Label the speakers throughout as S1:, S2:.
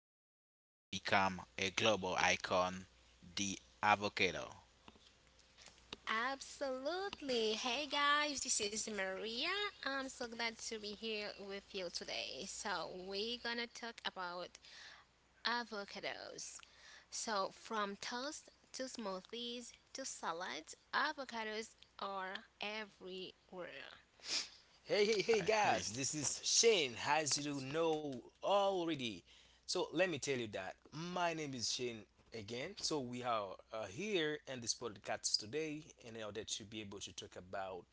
S1: somehow become a global icon, the avocado.
S2: Absolutely. Hey guys, this is Maria. I'm so glad to be here with you today. So, we're gonna talk about avocados. So, from toast to smoothies to salads, avocados are everywhere.
S3: Hey, hey, hey,
S1: Hey,
S3: guys, this is Shane, as you know already. So, let me tell you that my name is Shane again. So, we are here in this podcast today in order to be able to talk about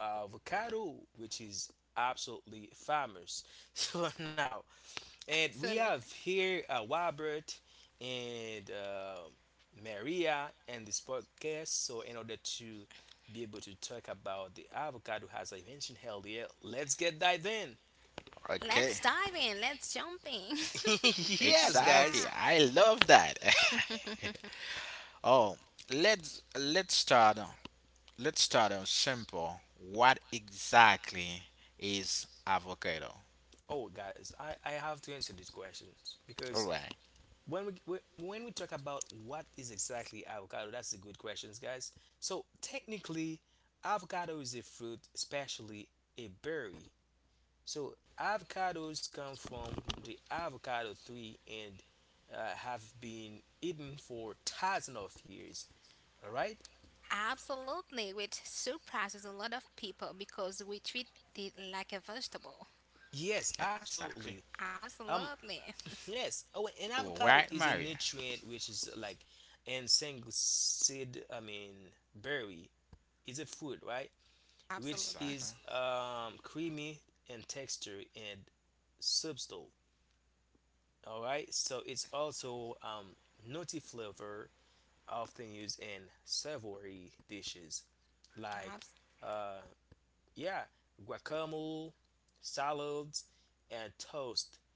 S3: avocado, which is absolutely famous. So, now And
S2: So,
S3: we have here Robert and Maria and this podcast. So, in order to be able to talk about the avocado, as I mentioned earlier, let's get dive in.
S1: Okay,
S2: let's dive in. Let's jump in.
S3: Yes,
S1: exactly.
S3: guys.
S2: Yeah.
S1: I love that. Oh, let's let's start Let's start out simple. What exactly is avocado?
S3: Oh, guys, I have to answer these questions
S1: All
S3: because
S1: right,
S3: when we talk about what is exactly avocado, that's a good questions, guys. So, technically, avocado is a fruit, especially a berry. So avocados come from the avocado tree and have been eaten for thousands of years. All right?
S2: Absolutely, which surprises a lot of people because we treat it like a vegetable.
S3: Yes,
S1: exactly.
S3: absolutely. Um,
S2: Absolutely.
S3: yes. Oh, an
S1: All
S3: avocado
S1: right,
S3: is a
S1: Maria.
S3: nutrient which is like and single seed. I mean, berry is a fruit, right? Which
S2: Absolutely.
S1: Exactly.
S3: is creamy in texture and substance. All right. So it's also nutty flavor often used in savory dishes like
S2: Abs-
S3: uh, yeah guacamole, salads and toast.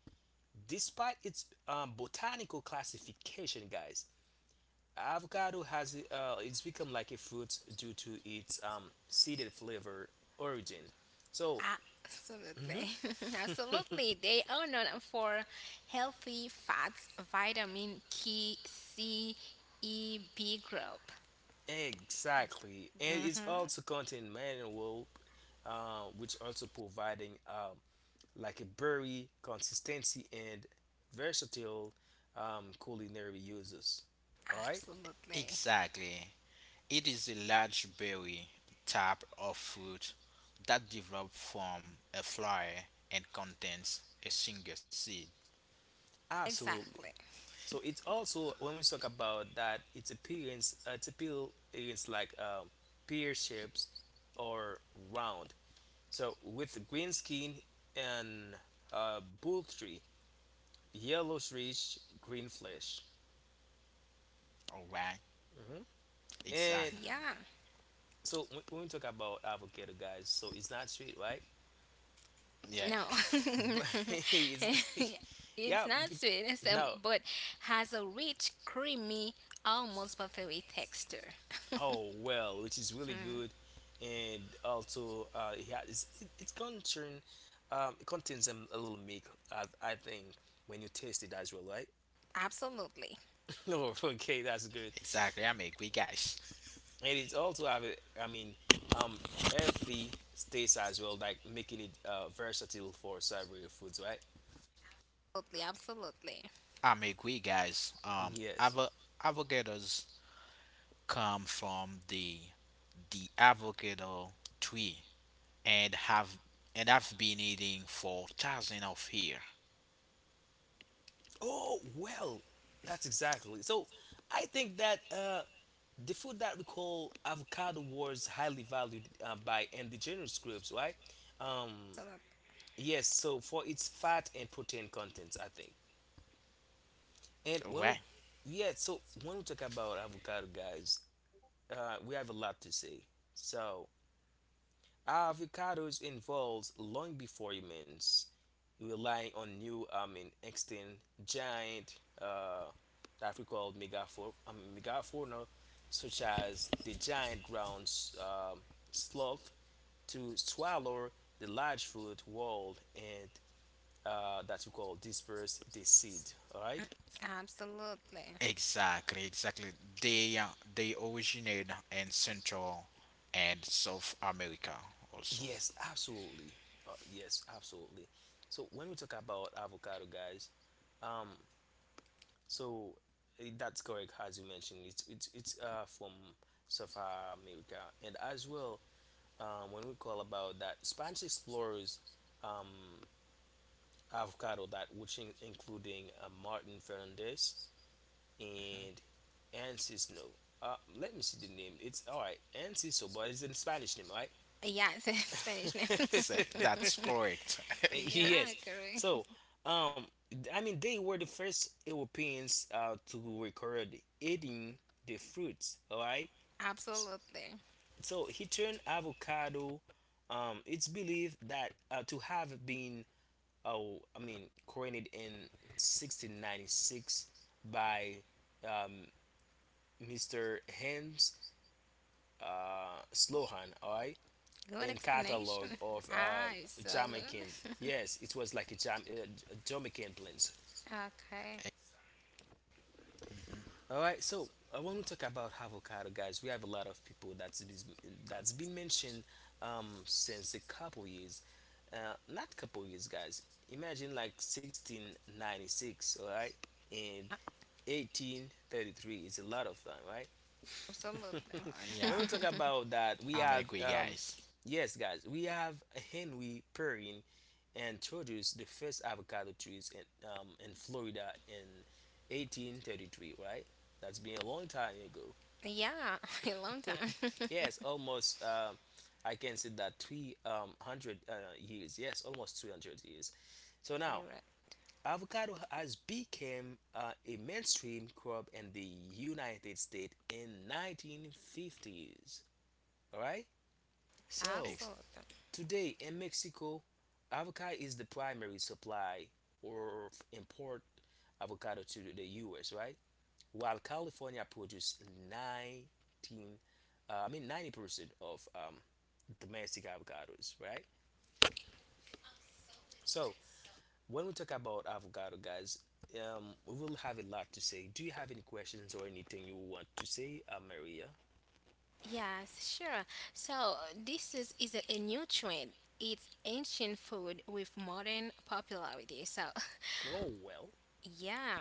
S3: Despite its botanical classification, guys, avocado has it's become like a fruit due to its seeded flavor origin. So
S2: absolutely.
S3: mhm.
S2: Absolutely. They are known for healthy fats, vitamin K, C, E, B group.
S3: Exactly, and it's
S2: Hmm.
S3: also contain mineral, which also providing, like a likability, consistency, and versatile culinary uses. All right,
S2: Absolutely.
S1: Exactly. It is a large berry type of fruit that develops from a flower and contains a single seed.
S3: absolutely.
S2: Exactly.
S3: So it's also, when we talk about that, it's appearance, it's appeal is like pear shapes or round. So with green skin and poultry, yellowish green flesh.
S1: All right,
S3: Hmm. And
S1: exactly.
S2: Yeah.
S3: so, when we talk about avocado, guys, so it's not sweet, right?
S1: Yeah,
S2: No.
S3: But it's-
S2: It's
S3: yeah,
S2: not
S3: be-
S2: sweet,
S3: no.
S2: but has a rich, creamy, almost buttery texture.
S3: Oh well, which is really
S2: Mm,
S3: good, and also yeah, it's concern, it contains a little milk. I think when you taste it as well, right?
S2: absolutely.
S3: No, okay, that's good.
S1: exactly. I'm agree, guys.
S3: And it's also have a, I mean, um, earthy taste as well, like making it versatile for several foods, right?
S2: Absolutely. Absolutely.
S1: I'm agree, guys.
S3: Yes.
S1: Avocados come from the avocado tree and have and I've been eating for thousands of years.
S3: Oh well, that's exactly. So I think that the food that we call avocado was highly valued by indigenous groups, right? Um, yes, so for its fat and protein contents, I think. And when,
S1: Right.
S3: we- yeah, so when we talk about avocado, guys, we have a lot to say. So avocados involves long before humans. Rely on new, I mean extinct giant that we call megafauna, I mean, megafauna such as the giant ground um, sloth to swallow the large fruit, world and that we call disperse the seed. All right.
S2: Absolutely. Absolutely.
S1: Exactly, exactly. They uh, they originate in Central and South America also.
S3: Yes, absolutely. Yes, absolutely. So when we talk about avocado, guys, um, so that's correct, as you mentioned. It's from South America, and as well, when we call about that, Spanish explorers, um, avocado that which in, including Martin Fernandez and Ansis. No, let me see the name. It's all right, Ansis. So, but it's in Spanish name, right?
S2: Yeah, it's a Spanish name.
S1: Exactly. That's correct.
S2: Yeah,
S3: Yes.
S2: correct.
S3: So, um, I mean, they were the first Europeans to record eating the fruits. All right.
S2: Absolutely.
S3: So he turned avocado. It's believed that to have been, oh, I mean, coined in 1696 by um, Mr. Hans Slohan, all right,
S2: Good
S3: in
S2: explanation.
S3: catalog of Jamaican.
S2: Absolutely.
S3: Yes, it was like a, a Jamaican plant.
S2: Okay.
S1: Mhm.
S3: All right, so I want to talk about avocado, guys. We have a lot of people that's been mentioned since a couple years, not couple years, guys. Imagine like 1696, all right, and
S2: A-
S3: 1833 is a lot of time, right?
S2: Absolutely.
S1: Yeah,
S3: When we talk about that, we
S1: I'm
S3: have,
S1: agree, guys.
S3: yes, guys, we have Henry Perrin introduced the first avocado trees in Florida in 1833, right? That's been a long time ago.
S2: Yeah, a long time.
S3: Yes, almost, I can say that 300 years. Yes, almost 300 years. So
S2: You're
S3: now,
S2: right.
S3: avocado has become a mainstream crop in the United States in 1950s. All right. So
S1: Ex-
S2: Absolutely.
S3: today in Mexico, avocado is the primary supply or import avocado to the U.S. Right, while California produces 19, I mean 90% of domestic avocados. Right. So when we talk about avocado, guys, we will have a lot to say. Do you have any questions or anything you want to say, Maria?
S2: Yes, sure. So this is a, new trend. It's ancient food with modern popularity. So
S3: Oh well.
S2: yeah.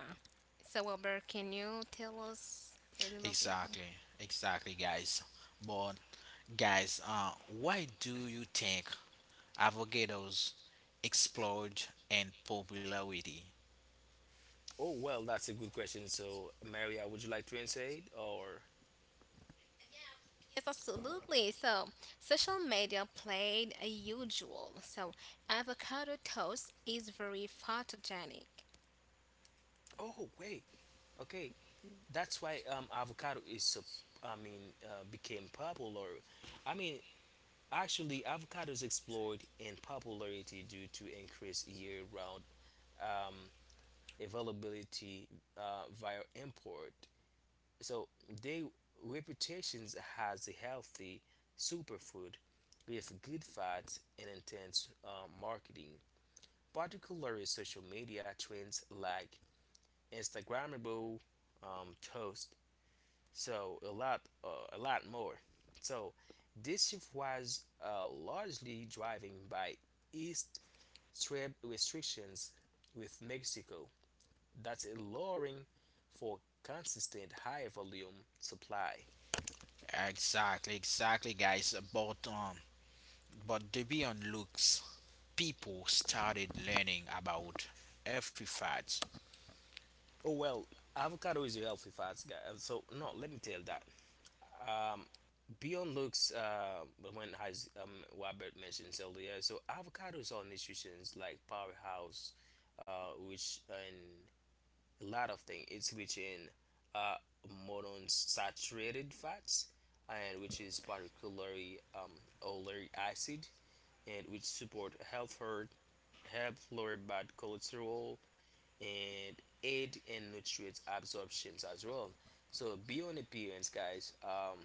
S2: So Wilbur, can you tell us a little bit?
S1: exactly, exactly, guys. But guys, why do you think avocados explode in popularity.
S3: Oh well, that's a good question. So, Maria, would you like to answer it, or
S2: Yes, absolutely. So, social media played a huge role. So, avocado toast is very photogenic.
S3: oh wait, okay, that's why avocado is so, I mean became popular. I mean, actually, avocados explored in popularity due to increased year-round um availability via import, so they reputations as a healthy superfood with good fats and intense marketing, particularly social media trends like Instagrammable toast. So a lot more. So this shift was largely driven by East trade restrictions with Mexico, that's allowing for consistent high volume supply.
S1: Exactly, exactly, guys. But the beyond looks, people started learning about every fat.
S3: Oh well, avocado is a healthy fats, guy. So no, let me tell that. Um, beyond looks, when has Robert mentions earlier, so avocados are nutrients like powerhouse, which and a lot of things. It's rich in uh monounsaturated fats and which is particularly oleic acid and which support health hurt, help lower bad cholesterol and aid in nutrients absorptions as well. So beyond appearance, guys,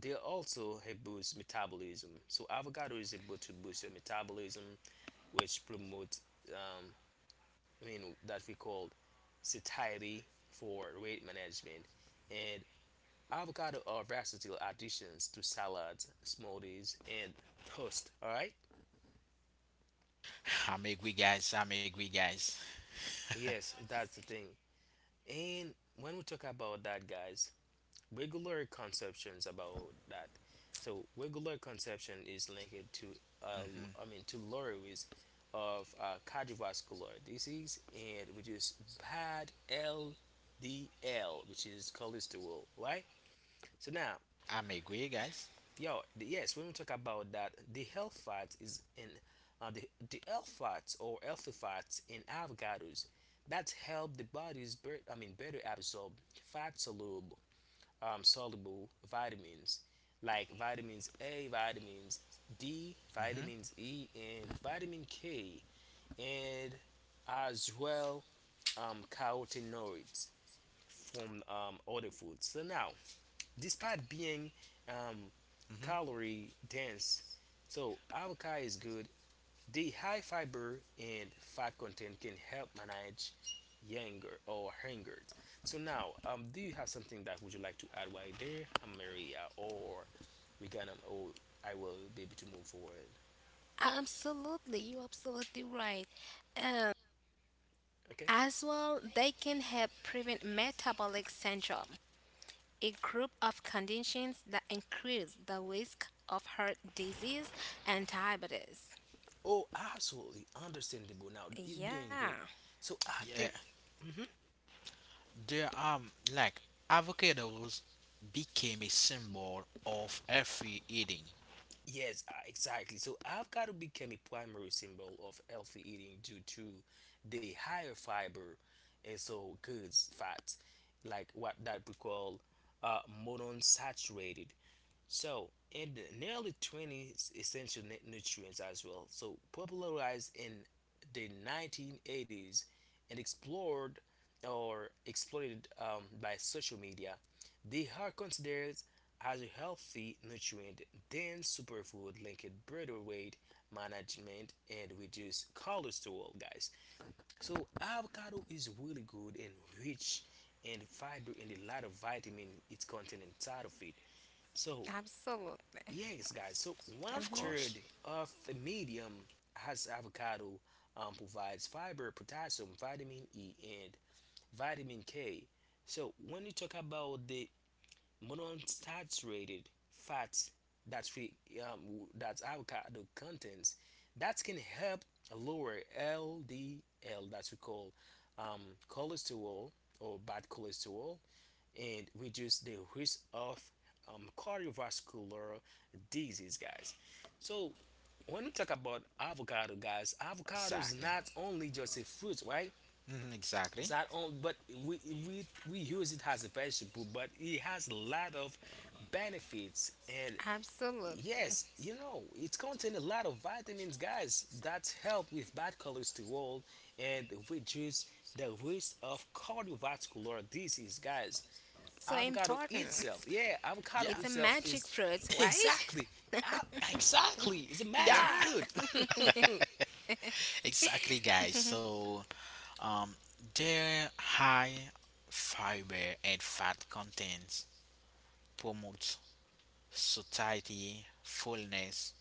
S3: they also help boost metabolism. So avocado is able to boost your metabolism, which promotes, um, I mean, that we call satiety for weight management. And avocado are versatile additions to salads, smoothies, and toast. All right.
S1: I'm agree, guys. I'm agree, guys.
S3: Yes, that's the thing. And when we talk about that, guys, regular conceptions about that. So regular conception is linked to
S1: Mm-hmm.
S3: I mean to loris of cardiovascular disease and which is bad LDL which is cholesterol, right? So now,
S1: I'm agree, guys.
S3: yes, when we talk about that, the health fat is in uh, the health fats or healthy fats in avocados that help the body's I mean better absorb fat soluble soluble vitamins like vitamins A, vitamins D,
S1: Mm-hmm.
S3: vitamins E, and vitamin K, and as well carotenoids from other foods. So now, despite being um,
S1: Mm-hmm.
S3: calorie dense, so avocado is good the high fiber and fat content can help manage hunger or hunger. So now, do you have something that would you like to add right there, Maria, or we can, or I will be able to move forward.
S2: Absolutely, you're absolutely right. Um,
S3: Okay.
S2: as well, they can help prevent metabolic syndrome, a group of conditions that increase the risk of heart disease and diabetes.
S3: Oh, absolutely understandable. Now you're
S2: Yeah,
S3: doing great. So I
S1: Yeah,
S3: think. Mhm.
S1: there like avocados became a symbol of every eating,
S3: Yes, exactly. So I've got to become a primary symbol of healthy eating due to the higher fiber and so goods fats, like what that we call monounsaturated so, in the nearly 20 essential nutrients as well, so popularized in the 1980s and explored or exploited by social media, they are considered as a healthy nutrient dense superfood linked better weight management and reduce cholesterol, guys. So, avocado is really good and rich in fiber and a lot of vitamin it's contained inside of it. So,
S2: absolutely.
S3: yes, guys. So
S1: of
S3: one
S1: course.
S2: Hmm.
S3: third of the medium as avocado provides fiber, potassium, vitamin E, and vitamin K. So when you talk about the monounsaturated fats that we um, that avocado contains, that can help lower LDL, that we call um, cholesterol or bad cholesterol, and reduce the risk of cardiovascular disease, guys. So when we talk about avocado, guys, avocado is
S1: Exactly.
S3: not only just a fruit, right?
S1: Mm-hmm, exactly.
S3: It's not only, but we we use it as a vegetable, but it has a lot of benefits, and
S2: Absolutely.
S3: yes, you know, it contains a lot of vitamins, guys, that help with bad cholesterol and reduce the risk of cardiovascular disease, guys.
S2: So
S3: Avocado
S2: important.
S3: itself, yeah avocado
S1: Yeah.
S2: It's a
S3: itself
S2: magic
S3: is
S2: fruit, right?
S3: exactly. Ah, exactly it's a magic
S1: Yeah.
S2: Yeah,
S3: fruit.
S1: Exactly, guys. So, um, their high fiber and fat contents promote satiety, fullness,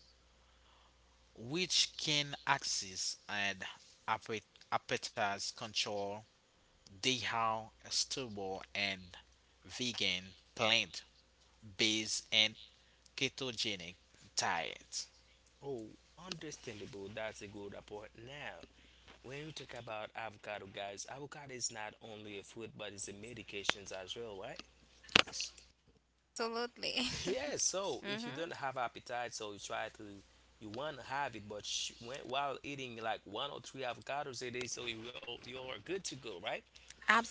S1: which can access and appet- appetite control. They are stable and vegan, plant-based, and ketogenic diet.
S3: Oh, understandable, that's a good report. Now, when you talk about avocado, guys, avocado is not only a food but it's a medications as well, right?
S2: absolutely.
S3: Yeah, so if you don't
S2: Hmm.
S3: have appetite, so you try to you want to have it, but when, while eating like one or three avocados a day, so you, will, you're good to go, right?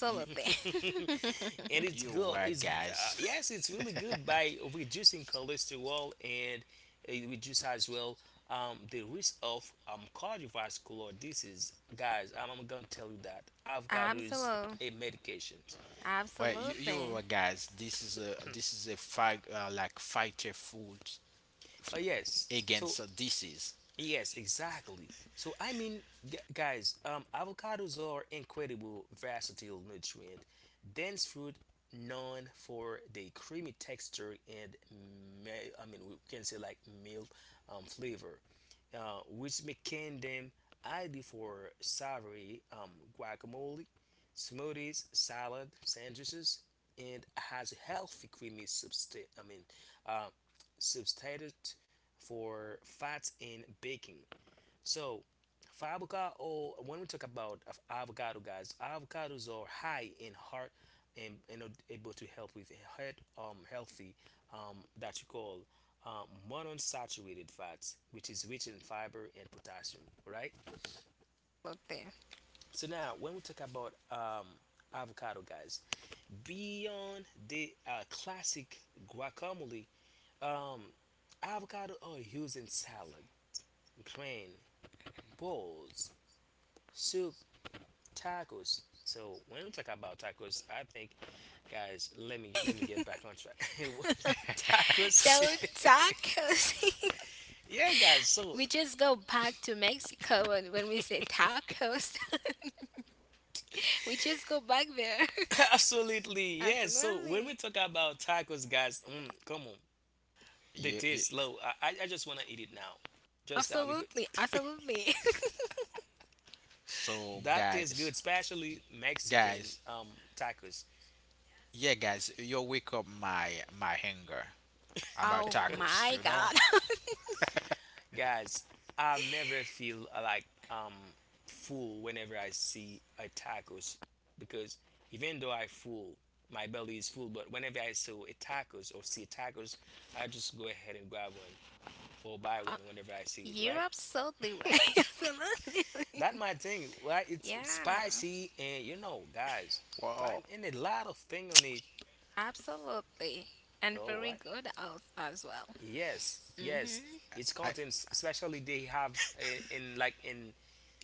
S1: You,
S3: And it's
S1: you're
S3: good.
S1: right,
S3: It's
S1: guys.
S3: yes, it's really good by reducing cholesterol and it reduce as well the risk of cardiovascular disease. Guys, I'm gonna tell you that I've got to use
S2: Absolutely.
S3: a medications.
S1: Well, you, you're
S2: Absolutely.
S1: right, guys. This is a fight like fighter food
S3: But yes, so
S1: against a disease.
S3: yes, exactly. So I mean, guys, avocados are incredible versatile nutrient, dense fruit known for the creamy texture and I mean we can say like mild flavor, which making them ideal for savory guacamole, smoothies, salad, sandwiches, and has a healthy creamy substance. I mean, uh, substitute for fats in baking. So, for avocado. Or when we talk about avocado, guys, avocados are high in heart and are able to help with heart healthy, that you call monounsaturated fats, which is rich in fiber and potassium, right?
S2: Absolutely.
S3: So now, when we talk about avocado, guys, beyond the classic guacamole, um, avocado are used in salad, grain, bowls, soup, tacos. So when we talk about tacos, I think, guys, let me get back on track. Tacos.
S2: So tacos.
S3: Yeah, guys. So
S2: We just go back to Mexico and when we say tacos. We just go back there.
S3: absolutely, yes. So when
S2: Absolutely.
S3: we talk about tacos, guys, come on, they
S1: you, you,
S3: taste low. I just wanna eat it now, just now because
S2: Absolutely. Absolutely.
S1: so
S3: that tastes good,
S1: guys,
S3: especially Mexican
S1: guys,
S3: tacos.
S1: yeah, guys, you wake up my hunger about
S2: Oh
S1: tacos.
S2: my
S1: You know,
S2: god.
S3: Guys, I never feel like um full whenever I see a tacos because even though I full, my belly is full, but whenever I see a tacos or see a tacos, I just go ahead and grab one or buy one whenever I see it,
S2: You're
S3: right?
S2: absolutely right. Absolutely.
S3: That my thing, right? It's
S2: Yeah.
S3: spicy and you know, guys,
S1: wow,
S3: prime in a lot of thing on it.
S2: Absolutely. And
S3: Oh,
S2: very
S3: what?
S2: good as well.
S3: Yes, yes.
S2: Hmm.
S3: It's
S1: I
S3: contents, especially they have in, in like in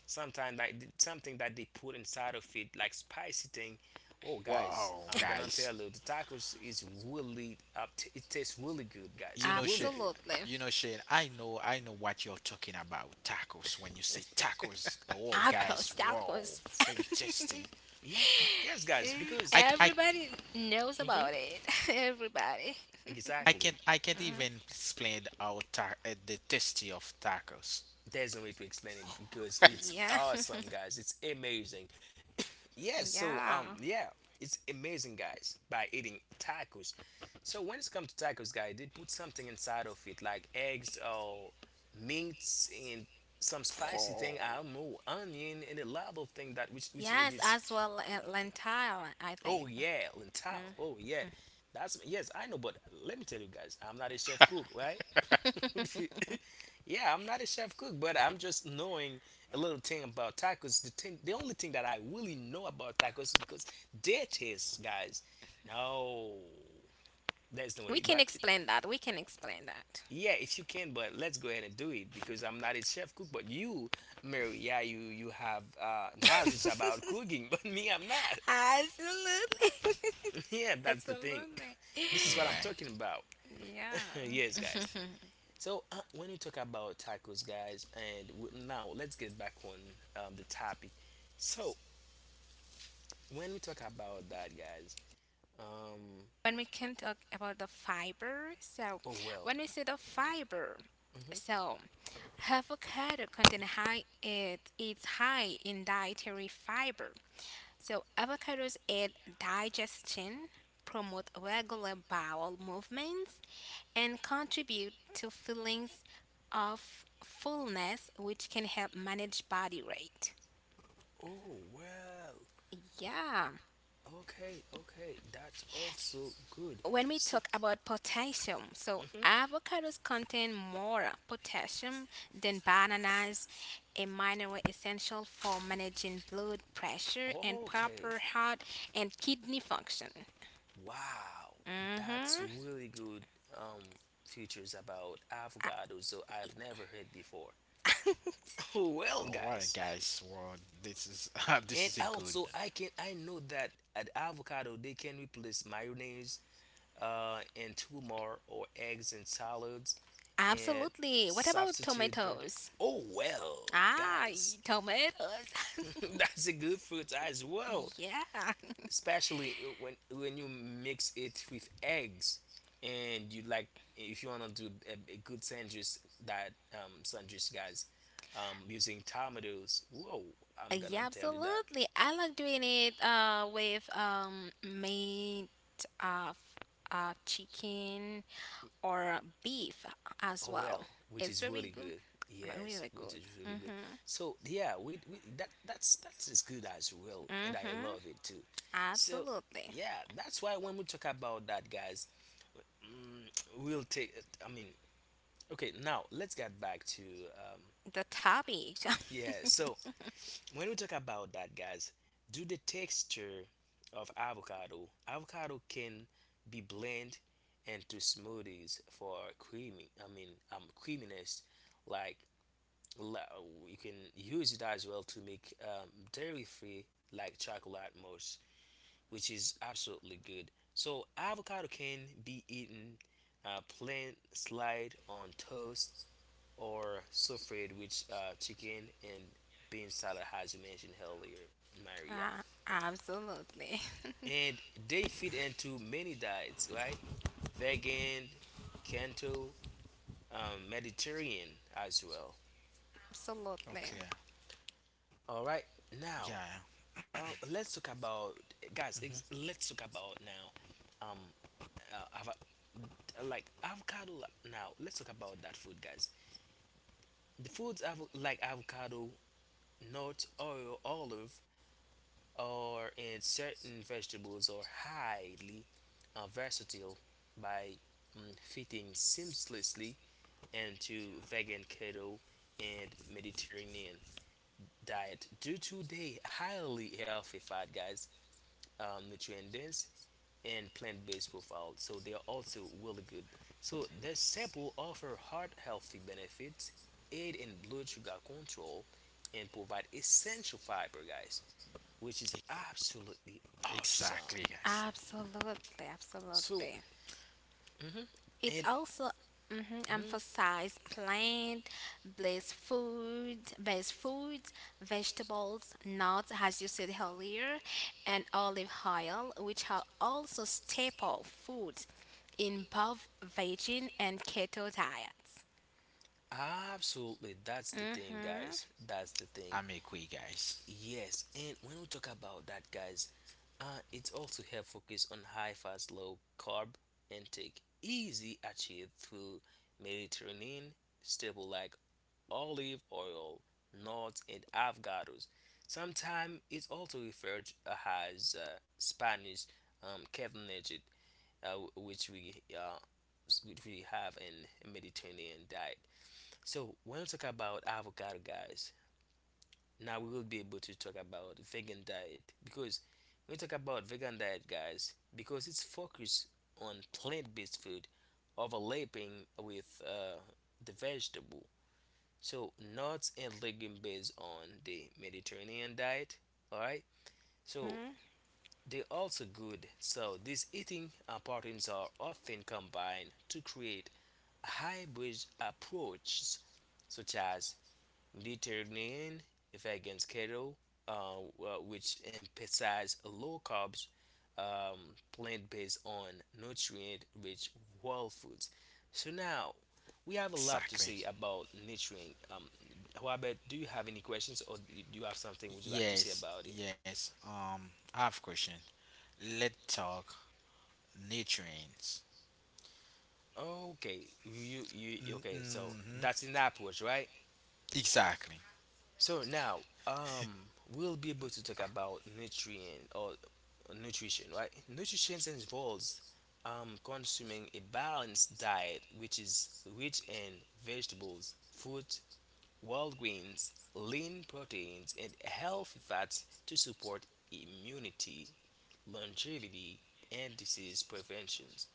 S3: sometimes like something that they put inside of it like spicy thing. Oh guys,
S1: wow,
S3: I'm gonna
S1: guys,
S3: tell you the tacos is really it tastes really good, guys,
S1: you know
S3: really
S1: Shane,
S3: good.
S2: Absolutely.
S1: You know, Shane, I know what you're talking about. Tacos. When you say tacos, oh, guys,
S2: Tacos,
S1: wow,
S2: tacos.
S1: very tasty.
S3: Yeah, yes guys,
S2: Eh,
S3: because
S1: I, I,
S2: Everybody knows
S3: hmm
S2: about it. Everybody.
S3: exactly
S1: I can't
S2: Mhm.
S1: even explain how the tasty of tacos.
S3: there's no way to explain it because it's
S2: Yeah.
S3: awesome guys, it's amazing. Yeah, so
S2: Yeah.
S3: yeah, it's amazing, guys, by eating tacos. So when it's come to tacos, guys, they put something inside of it, like eggs or meats and some spicy thing. I don't know, onion and a lot of thing that which makes
S2: Yes,
S3: it.
S2: as well lentile, I
S3: Oh
S2: think.
S3: yeah, lentile.
S2: Mm.
S3: Oh yeah. That's yes, I know, but let me tell you guys, I'm not a chef cook, right? Yeah, I'm not a chef cook, but I'm just knowing a little thing about tacos. The thing, the only thing that I really know about tacos is because their taste, guys. No, that's no
S2: We
S3: way.
S2: can
S3: But
S2: explain that. We can explain that.
S3: yeah, if you can, but let's go ahead and do it because I'm not a chef cook. But you, Mary, yeah, you have knowledge about cooking, but me, I'm not.
S2: Absolutely.
S3: Yeah, that's the thing.
S2: Absolutely.
S3: This
S1: All
S3: is what I'm
S1: right,
S3: talking about.
S2: Yeah.
S3: Yes, guys. So when we talk about tacos, guys, and now let's get back on the topic. So when we talk about that, guys, um,
S2: When we can talk about the fiber, so
S3: oh well,
S2: when we say the fiber,
S3: hmm
S2: so avocado contain high it it's high in dietary fiber. So avocados aid digestion, promote regular bowel movements, and contribute to feelings of fullness, which can help manage body weight.
S3: oh well,
S2: Yeah.
S3: okay, okay, that's also good.
S2: When we
S3: So,
S2: talk about potassium, so
S3: mhm,
S2: avocados contain more potassium than bananas, a mineral essential for managing blood pressure and
S3: okay.
S2: proper heart and kidney function.
S3: Wow, that's
S2: Mm-hmm.
S3: really good um, features about
S2: A-
S3: avocados. So I've never heard before. Well,
S1: all right,
S3: guys,
S1: guys. Well, this is this
S3: and
S1: is a good.
S3: also I can, I know that at avocado they can replace mayonnaise, and tumor or eggs in salads, and
S2: absolutely. What about
S3: substitute butter.
S2: tomatoes?
S3: Oh well,
S2: Ah,
S3: guys,
S2: tomatoes.
S3: that's a good fruit as well.
S2: Yeah.
S3: Especially when you mix it with eggs and you like if you want to do a good sandwich, that sandwich guys using tomatoes, whoa, I'm gonna
S2: Yeah,
S3: tell you that.
S2: absolutely. I like doing it with meat, uh, f- chicken, or beef as
S3: Oh
S2: well.
S3: well, which
S2: It's
S3: is really
S2: very good,
S3: good.
S2: very
S3: Yes,
S2: very
S3: which
S2: good.
S3: is really good.
S2: Mhm,
S3: So yeah, we that that's as good as well and I
S2: mhm,
S3: love it too. So
S2: absolutely.
S3: yeah that's why when we talk about that guys. Mm, we'll take it. I mean, okay, now let's get back to um,
S2: The topic.
S3: yeah. So when we talk about that, guys, do the texture of avocado. Avocado can be blended into smoothies for creamy. I mean, creaminess. Like la- you can use it as well to make dairy-free like chocolate mousse, which is absolutely good. So avocado can be eaten plain, slide on toast, or souffled with chicken and bean salad, as you mentioned earlier, Maria.
S2: Ah, absolutely.
S3: And they fit into many diets, right? Vegan, keto, Mediterranean as well.
S2: Absolutely,
S1: Okay,
S3: All right, now
S1: yeah,
S3: let's talk about, guys.
S1: hmm
S3: Let's talk about now um, uh, ava- like avocado. Like, now let's talk about that food, guys. The foods like avocado, nuts, oil, olive, or in certain vegetables are highly versatile by fitting seamlessly into vegan, keto, and Mediterranean diet due to their highly healthy fat, guys, nutrient dense and plant-based profile, so they are also really good. So the sample offer heart healthy benefits, aid in blood sugar control, and provide essential fiber guys, which is absolutely awesome.
S1: exactly, guys.
S2: absolutely,
S3: So
S2: absolutely.
S3: mhm,
S2: It's
S3: and
S2: also mhm,
S3: mhm,
S2: emphasized plant based foods, vegetables, nuts, as you said earlier, and olive oil, which are also staple foods in both vegan and keto diets.
S3: absolutely that's the thing
S2: Mhm.
S3: guys, that's the thing.
S1: I'm a agree, guys.
S3: Yes, and when we talk about that guys, uh, it's also help focus on high fast, low carb intake, easy achieved through Mediterranean staple like olive oil, nuts, and avocados. Sometimes it's also referred as Spanish cabbage, uh, which we uh, which we have in Mediterranean diet. So when we talk about avocado, guys, now we will be able to talk about vegan diet, because when we talk about vegan diet guys, because it's focused on plant-based food, overlapping with the vegetable, so nuts and legume based on the Mediterranean diet. All right. So they're also good, so these eating patterns are often combined to create hybrid approaches such as Listerine if against keto, which emphasize low carbs, um, plant based on nutrient rich whole foods. So now we have a lot to
S1: Exactly.
S3: say about nutrient. Robert, do you have any questions or do you have something would you like to say
S1: Yes,
S3: about it?
S1: yes. I have question. Let's talk nutrients.
S3: Okay, you okay. So
S1: Mm-hmm.
S3: that's an approach, right?
S1: Exactly.
S3: So now, um, we'll be able to talk about nutrient or nutrition, right? Nutrition involves consuming a balanced diet which is rich in vegetables, fruit, wild grains, lean proteins, and healthy fats to support immunity, longevity, and disease preventions.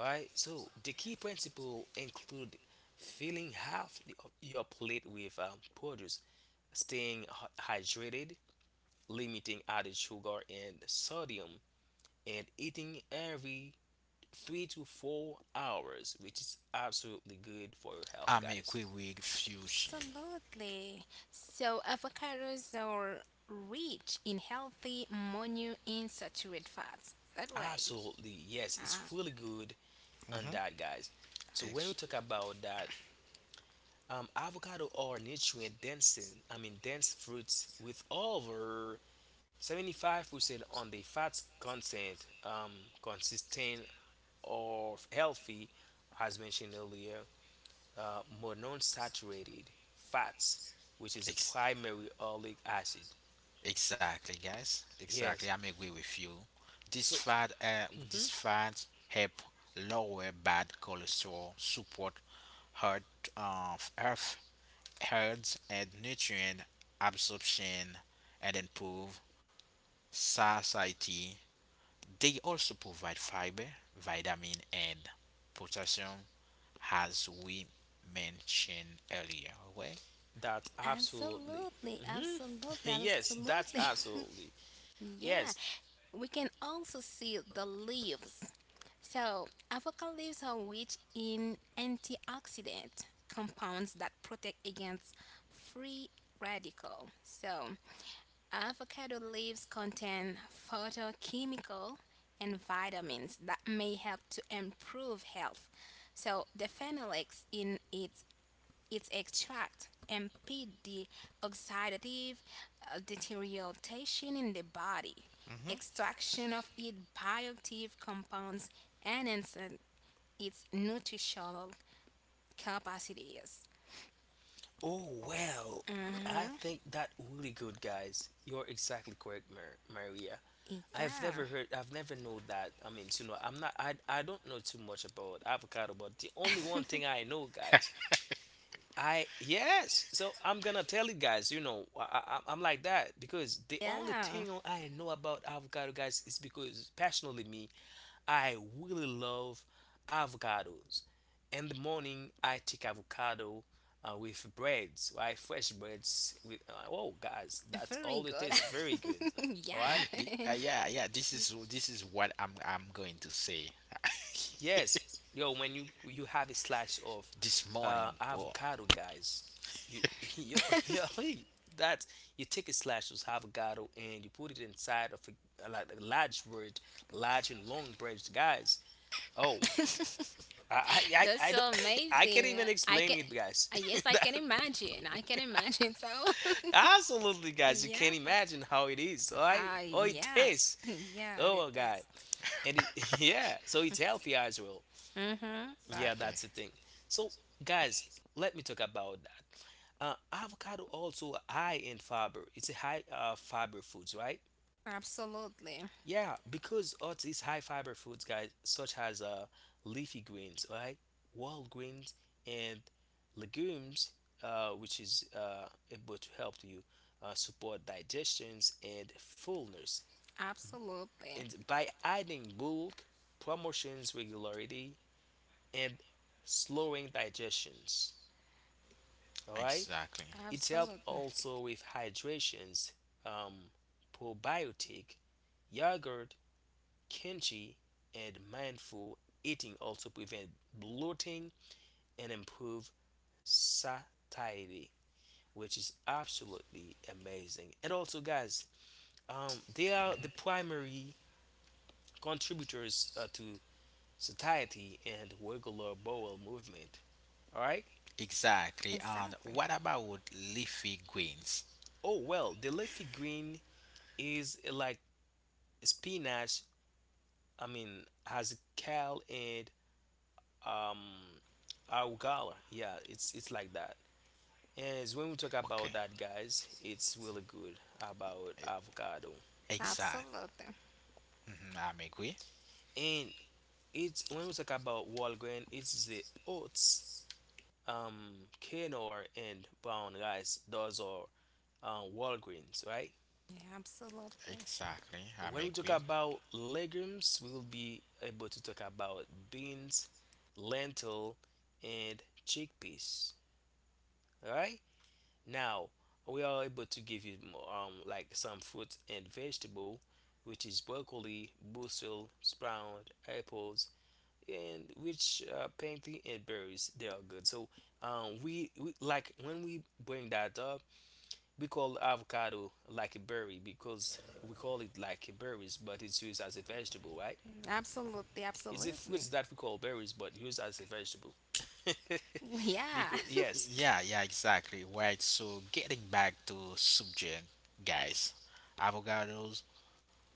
S3: All right. So the key principle include filling half of your plate with produce, staying hydrated, limiting added sugar and sodium, and eating every 3 to 4 hours, which is absolutely good for your health,
S1: I'm a
S3: guys.
S1: agree with fusion.
S2: Absolutely. So avocados are rich in healthy monounsaturated fats. That way.
S3: Absolutely, yes, it's really good on
S1: Mm-hmm.
S3: that, guys. So when we
S1: Ex-
S3: talk about that, avocado are nutrient dense, I mean dense fruits with over 75% on the fat content, consistent or healthy, as mentioned earlier, monounsaturated fats, which is a
S1: ex-
S3: primary oleic acid.
S1: Exactly, guys. Exactly.
S3: Yes.
S1: I'm agree with you.
S3: So
S1: This
S3: Mhm.
S1: fat help lower bad cholesterol, support heart, health, health and nutrient absorption, and improve satiety. They also provide fiber, vitamin, and potassium, as we mentioned earlier. Okay.
S3: that's absolutely.
S2: Absolutely,
S3: hmm
S2: absolutely,
S3: yes, that's
S2: absolutely.
S3: absolutely.
S2: Yeah,
S3: Yes.
S2: we can also see the leaves. So, avocado leaves are rich in antioxidant compounds that protect against free radical. So, avocado leaves contain photochemical and vitamins that may help to improve health. So, the phenolics in its extract impede the oxidative deterioration in the body,
S1: Hmm.
S2: extraction of its bioactive compounds, and its nutritional capacities.
S3: Oh, well, I
S2: Mm-hmm.
S3: think that really good, guys. You're exactly correct, Maria. I've
S2: Yeah.
S3: never heard, I've never know that. I mean, you know, I'm not, I don't know too much about avocado, but the only one thing I know, guys, I yes. So I'm gonna tell you guys, you know, I'm like that because the only
S2: Yeah.
S3: thing I know about avocado, guys, is because passionately me, I really love avocados. In the morning, I take avocado with breads, right? Fresh breads with. Oh, guys, that's
S2: Very
S3: all it
S2: good.
S3: tastes very good. All right.
S2: Yeah.
S1: Yeah, yeah. This is what I'm going to say
S3: Yes, yo, when you have a slice of
S1: this morning. Whoa.
S3: avocado, guys, you yo yo hey. That you take a slice of avocado and you put it inside of a, like a large bread, large and long bread, guys. Oh, I I I,
S2: That's
S3: I don't
S2: so
S3: I can't
S2: amazing.
S3: even
S2: I
S3: explain
S2: can.
S3: it, guys.
S2: Yes, I
S3: That,
S2: can imagine. I can imagine. So,
S3: absolutely, guys, you
S2: yeah.
S3: can't imagine how it is. All right,
S2: Ah
S3: oh, it
S2: yeah,
S3: tastes.
S2: yeah, it
S3: Oh my God,
S2: is.
S3: and it, yeah, so it's healthy as well.
S2: Mm-hmm.
S3: Yeah,
S1: Exactly.
S3: that's the thing. So, guys, let me talk about that. Avocado also high in fiber. It's a high fiber foods, right?
S2: Absolutely,
S3: Yeah, because oats is high fiber foods, guys, such as leafy greens, right? Whole grains and legumes, which is able to help you support digestions and fullness.
S2: absolutely,
S3: And by adding bulk, promotions regularity, and slowing digestions, all right?
S1: Exactly.
S3: It helps
S2: absolutely,
S3: also with hydrations, um, probiotic, yogurt, kimchi, and mindful eating also prevent bloating and improve satiety, which is absolutely amazing. And also, guys, they are
S1: Mhm.
S3: the primary contributors to satiety and regular bowel movement. All right.
S1: Exactly. And
S2: exactly,
S1: what about leafy greens?
S3: Oh well, the leafy green is like spinach. I mean, has a Cal and um Augala. Yeah, it's like that. And it's when we talk about
S1: Okay.
S3: that, guys, it's really good about avocado. hmm
S1: Exact.
S2: absolutely,
S1: Hmm. I'm agree.
S3: And it's when we talk about whole grain, it's the oats, quinoa, and brown rice. Those are whole grains, right?
S2: yeah, absolutely,
S1: Exactly. I'm
S3: When we talk
S1: agree.
S3: about legumes, we will be able to talk about beans, lentil, and chickpeas. All right. Now we are able to give you like some fruit and vegetable, which is broccoli, basil, sprout, apples, and which pansy and berries. They are good. So we like when we bring that up, we call avocado like a berry because we call it like berries, but it's used as a vegetable, right?
S2: absolutely,
S3: It's a
S2: absolutely.
S3: fruit that we call berries, but used as a vegetable.
S2: Yeah,
S3: Because yes,
S1: Yeah, yeah, exactly. Right. So getting back to subject, guys, avocados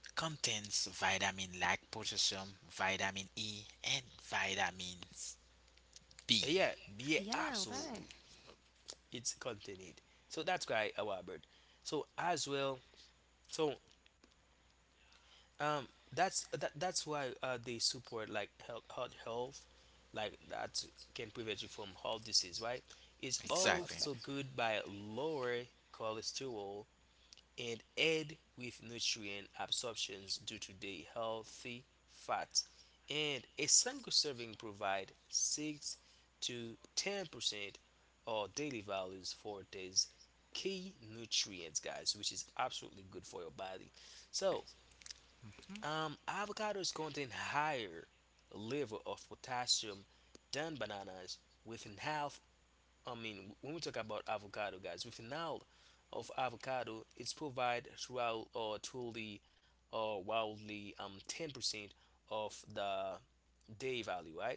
S1: contains vitamin like potassium, vitamin E, and vitamins B.
S3: yeah, yeah,
S2: yeah, right.
S3: absolutely. Its content. So that's why our bird. So as well, so um, that's that's why they support like health, heart health, like that can prevent you from heart disease, right? It's
S1: Exactly.
S2: Absolutely,
S3: also good by lower cholesterol and aid with nutrient absorptions due to the healthy fats. And a single serving provide 6 to 10% of daily values for these key nutrients, guys, which is absolutely good for your body. So, avocados contain higher level of potassium than bananas with an half, when we talk about avocado, guys, with now of avocado, it's provide throughout or truly or wildly 10% of the day value, right?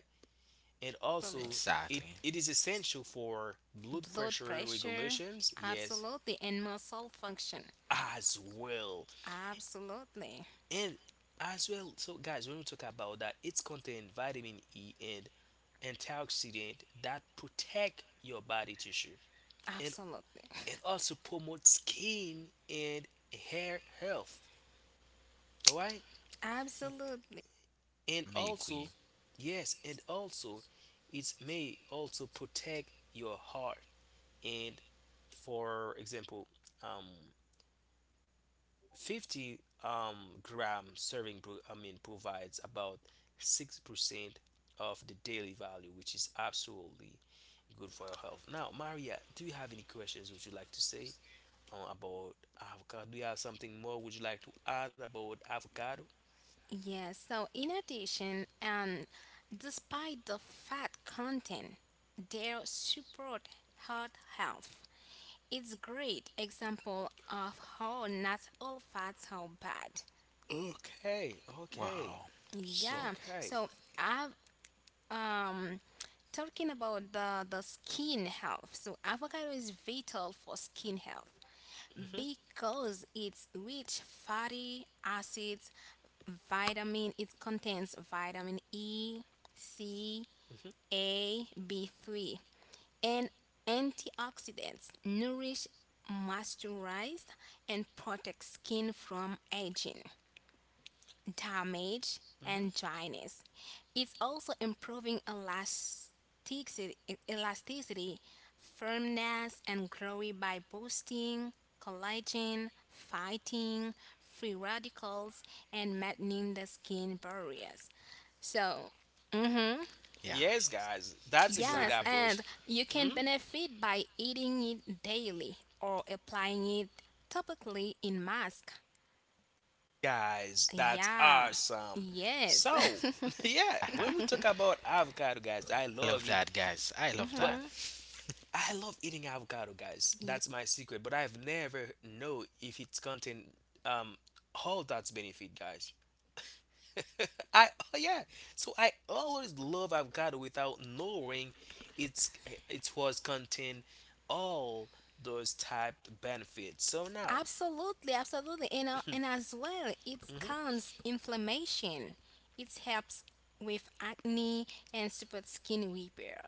S3: And
S2: absolutely.
S3: also, it
S1: Exactly.
S3: it is essential for blood
S2: Blood
S3: pressure
S2: pressure,
S3: regulations, yes,
S2: absolutely, and muscle function,
S3: as well.
S2: absolutely,
S3: And as well, so guys, when we talk about that, it's contain vitamin E and antioxidant that protect your body tissue. And
S2: absolutely,
S3: and also promote skin and hair health, all right,
S2: absolutely.
S3: and
S1: Make
S3: also
S1: we.
S3: yes and also it may also protect your heart, and for example, um 50 gram serving provides about 6% of the daily value, which is absolutely good for your health. Now, Maria, do you have any questions, would you like to say about avocado? Do you have something more? Would you like to add about avocado?
S2: Yes, so in addition, and despite the fat content, they support heart health. It's great example of how not all fats are bad.
S3: Okay,
S1: Wow.
S3: okay,
S1: So,
S2: Yeah,
S3: okay.
S2: so I've um talking about the skin health. So avocado is vital for skin health,
S3: Hmm,
S2: because it's rich fatty acids, vitamin, it contains vitamin E, C,
S3: hmm,
S2: A, B3, and antioxidants, nourish, moisturize, and protect skin from aging damage and
S3: hmm.
S2: dryness. It's also improving elasticity, elasticity firmness, and growth by boosting collagen, fighting free radicals, and maintaining the skin barriers. So, mm-hmm.
S1: yeah,
S3: Yes, guys, that's a good
S2: Yes,
S1: exactly.
S3: approach.
S2: and you can
S3: Mhm.
S2: benefit by eating it daily or applying it topically in mask.
S3: Guys, that's
S2: Yeah.
S3: awesome.
S2: Yes.
S3: So, yeah,
S1: I
S3: when we talk about avocado, guys, I love
S1: love
S3: it,
S1: that, guys. I love
S3: but
S1: that.
S2: Mm-hmm.
S3: I love eating avocado, guys. That's my secret, but I've never know if it's contain um all that's benefit, guys. I oh yeah. So I always love avocado without knowing it's it was contain all those type benefits. So now,
S2: Absolutely, absolutely, and uh, and as well, it
S3: mhm.
S2: calms inflammation. It helps with acne and super skin repair.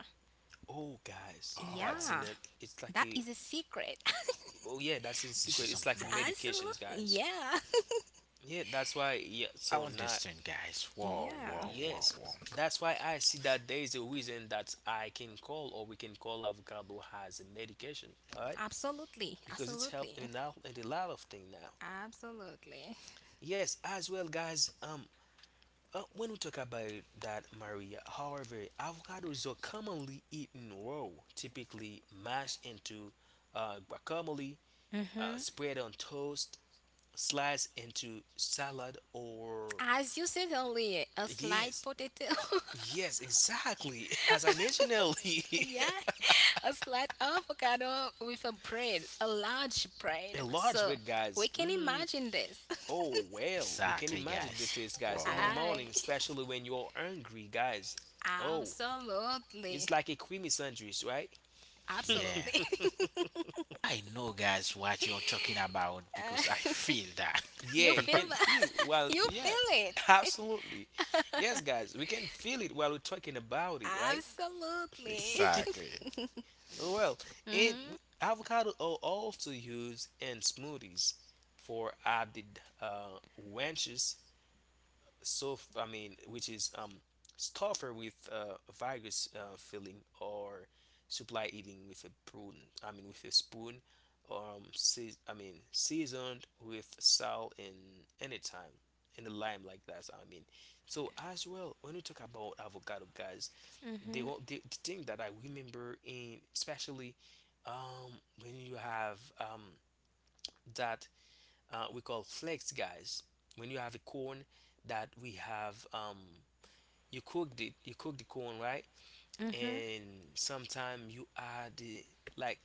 S3: Oh guys,
S1: Oh,
S3: that's in
S2: Yeah,
S3: it. It's like
S2: that
S3: a
S2: is a secret.
S3: oh yeah, that's a
S1: this
S3: secret.
S1: is
S3: It's like
S1: something
S3: a
S1: more.
S3: medications,
S2: Absolutely,
S3: guys.
S2: yeah,
S3: Yeah, that's why. Yeah,
S1: I
S3: so not
S1: understand, guys. Whoa,
S2: yeah,
S1: whoa, whoa,
S3: yes.
S1: whoa.
S3: That's why I see that there is a reason that I can call, or we can call avocado as a medication. All right,
S2: absolutely,
S3: because it's helped
S2: absolutely,
S3: in out in a lot of things now.
S2: absolutely.
S3: Yes, as well, guys. When we talk about that, Maria, however, avocados are commonly eaten raw, typically mashed into guacamole, spread on toast, sliced into salad, or
S2: As you said earlier, a slight
S3: yes,
S2: potato.
S3: yes, exactly. As I mentioned earlier,
S2: Yeah, a slight avocado with a bread, a large bread.
S3: a large
S2: So
S3: bit,
S2: we
S3: guys.
S2: can
S3: Mm,
S2: imagine this.
S3: oh well, we can
S1: Exactly,
S3: imagine
S1: guys.
S3: the taste, guys, in
S1: Whoa.
S3: the morning,
S2: I
S3: especially when you're hungry, guys. Oh, it's
S2: Absolutely.
S3: like a creamy sandwich, right?
S1: Yeah.
S2: Absolutely.
S1: I know, guys, what you're talking about because I
S2: Uh,
S1: feel that.
S2: you
S3: Yeah, you
S2: feel
S3: can
S2: that.
S3: feel it while
S2: You
S3: yeah,
S2: feel it.
S3: absolutely. Yes, guys, we can feel it while we're talking about it, right?
S2: Absolutely.
S1: Exactly.
S3: Well, it
S2: Mhm.
S3: avocado are also used in smoothies for added ranches, so which is tougher with virus filling or supply eating with a prune. With a spoon, seasoned with salt and any time in the lime like that. So as well when we talk about avocado, guys, they
S2: Mhm.
S3: want the thing that I remember in especially when you have that we call flakes, guys. When you have a corn that we have, you cooked it, you cook the corn, right?
S2: Mhm.
S3: And sometimes you add like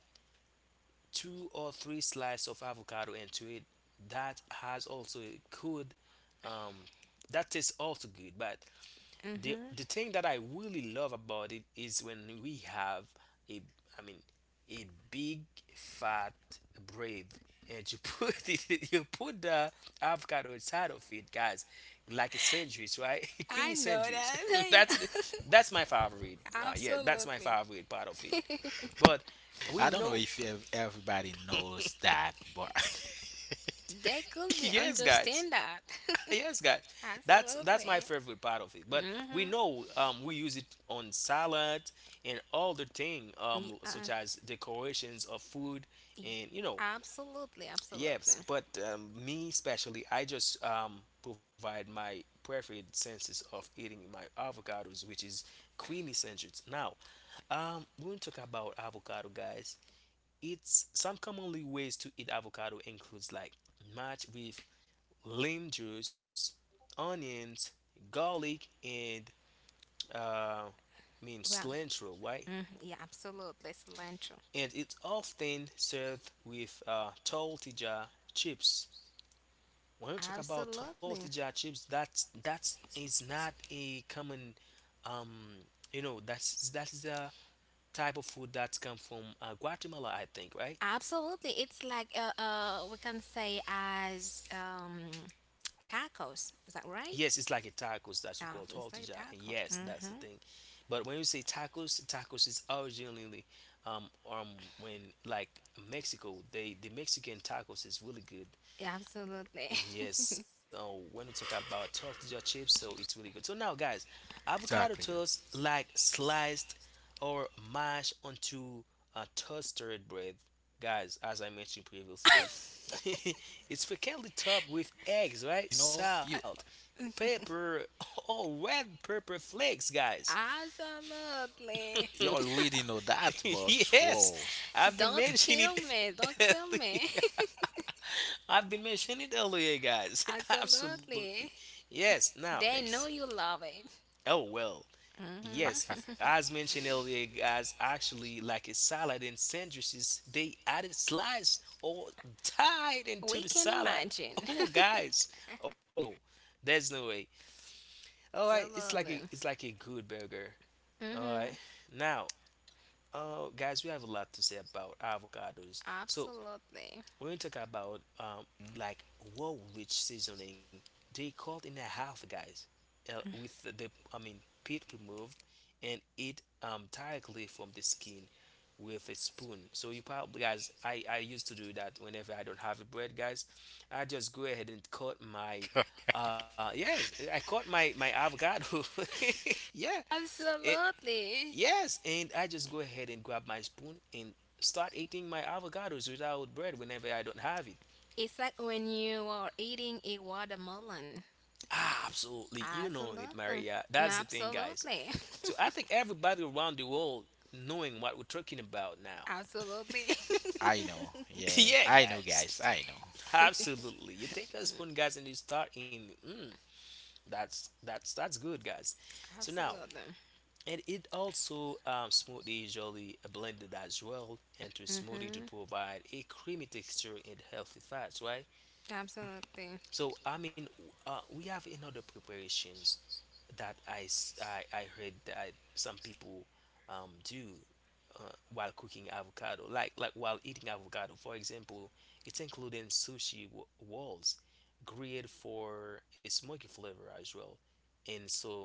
S3: two or three slices of avocado into it. That has also a good, um, that tastes also good, but
S2: Mhm.
S3: the thing that I really love about it is when we have a I mean a big fat bread and you put it you put the avocado inside of it, guys, like a sandwich, right?
S2: I
S3: creamy
S2: know
S3: sandwich.
S2: that. I
S3: that's the,
S2: know.
S3: that's my favorite yeah, that's my
S2: Absolutely.
S3: favorite part of it, but we
S1: I don't know
S3: know.
S1: if everybody knows that, but.
S2: They could be
S3: Yes, guys.
S2: understand that.
S3: Yes, guys, that's my
S2: Absolutely.
S3: favorite part of it. But
S2: Mhm.
S3: we know, we use it on salad and all the thing,
S2: Y- Uh,
S3: such as decorations of food,
S2: y-
S3: and you know,
S2: absolutely. Absolutely.
S3: yes. But me especially, I just, provide my preferred senses of eating my avocados, which is creamy sandwich. Now, when we talk about avocado, guys, it's some commonly ways to eat avocado includes like match with lime juice, onions, garlic, and
S2: Well.
S3: cilantro, right?
S2: Mhm, yeah. Absolutely. Cilantro.
S3: And it's often served with tortilla chips. When we talk about
S2: Absolutely.
S3: tortilla chips, that's is not a common, um, you know, that's the type of food that's come from Guatemala, I think, right?
S2: Absolutely. It's like we can say as tacos. Is that right?
S3: Yes, it's like a tacos. That's
S2: Uh,
S3: called
S2: it's like
S3: tortilla, and
S2: tacos.
S3: yes, that's the
S2: Mm-hmm.
S3: thing. But when you say tacos, tacos is originally um um when like Mexico, the Mexican tacos is really good.
S2: Yeah, absolutely.
S3: Yes, when we talk about toast your chips, so it's really good. So now, guys, avocado
S1: exactly, guys.
S3: toast like sliced or mashed onto a toasted bread, guys. As I mentioned previously, it's frequently topped with eggs, right?
S1: You
S3: Salt, pepper, or red pepper flakes, guys.
S2: Absolutely.
S1: you already know that, but
S3: Yes,
S1: whoa,
S3: I've been
S2: Don't
S3: mentioning
S2: kill
S3: it
S2: me. Don't kill me.
S3: earlier. I've been mentioning it earlier, guys. Absolutely.
S2: Absolutely.
S3: Yes. Now,
S2: They know
S1: guys.
S2: you love it.
S3: oh, well, yes. As mentioned earlier, guys, actually, like a salad and sandwiches, they added slice or tied into
S2: We
S3: the
S2: can
S3: salad.
S2: imagine.
S3: Oh, guys. Oh, no. There's no way. All right.
S2: Absolutely.
S3: It's like a good burger. All
S2: Mm-hmm.
S3: right. Now, guys, we have a lot to say about avocados. So
S2: Absolutely.
S3: when you talk about, like world rich seasoning, they called in a half, guys, with the I mean pit removed and eat, directly from the skin with a spoon. So you probably, guys, I used to do that whenever I don't have a bread, guys. I just go ahead and cut my yes, I cut my avocado. Yeah. It
S2: Absolutely.
S3: yes, and I just go ahead and grab my spoon and start eating my avocados without bread whenever I don't have it.
S2: It's like when you are eating a watermelon.
S3: Ah, absolutely, you know it, Maria.
S2: Absolutely.
S3: That's the thing, guys.
S2: Absolutely.
S3: So I think everybody around the world knowing what we're talking about now.
S2: Absolutely.
S1: I know, yeah,
S3: Yeah,
S1: I know,
S3: guys.
S1: guys, I know.
S3: Absolutely. You take a spoon, guys, and you start in. Mm, that's that's good, guys. So now,
S2: Absolutely.
S3: and it also, smoothie usually blended as well into a smoothie to
S2: Mm-hmm.
S3: provide a creamy texture and healthy fats, right?
S2: Absolutely.
S3: So I mean, we have another preparations that I heard that some people, do while cooking avocado, like while eating avocado. For example, it's including sushi walls, grilled for a smoky flavor as well, and so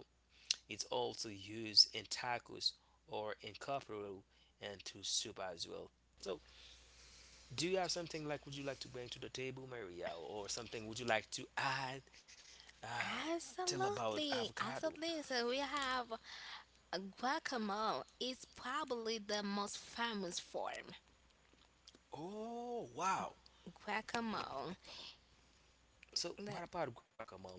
S3: it's also used in tacos or in carbonara and to soup as well. So, do you have something like would you like to bring to the table, Maria, or something would you like to add? Uh, tell about
S2: Absolutely.
S3: avocado.
S2: Absolutely. So we have guacamole. It's probably the most famous form.
S3: Oh, wow.
S2: Guacamole.
S3: So what
S2: The-
S3: about guacamole?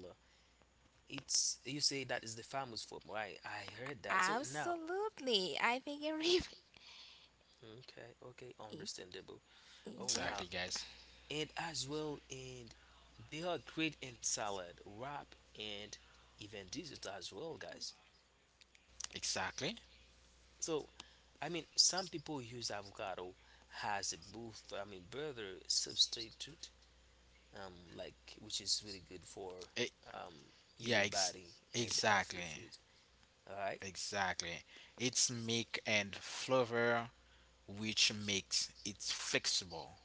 S3: It's you say that is the famous form, right? I heard that. So now,
S2: Absolutely. I think.
S3: okay, okay, understandable. Oh,
S2: Yeah.
S3: now,
S1: Exactly, guys.
S3: and as well, and they are great in salad, wrap, and even dessert as well, guys.
S1: Exactly.
S3: So some people use avocado as a boost, burger substitute, like which is really good for,
S1: Eh,
S3: um, human
S1: yeah,
S3: body and healthy
S1: exactly,
S3: food. All right.
S1: exactly. It's milk and flavor which makes it flexible.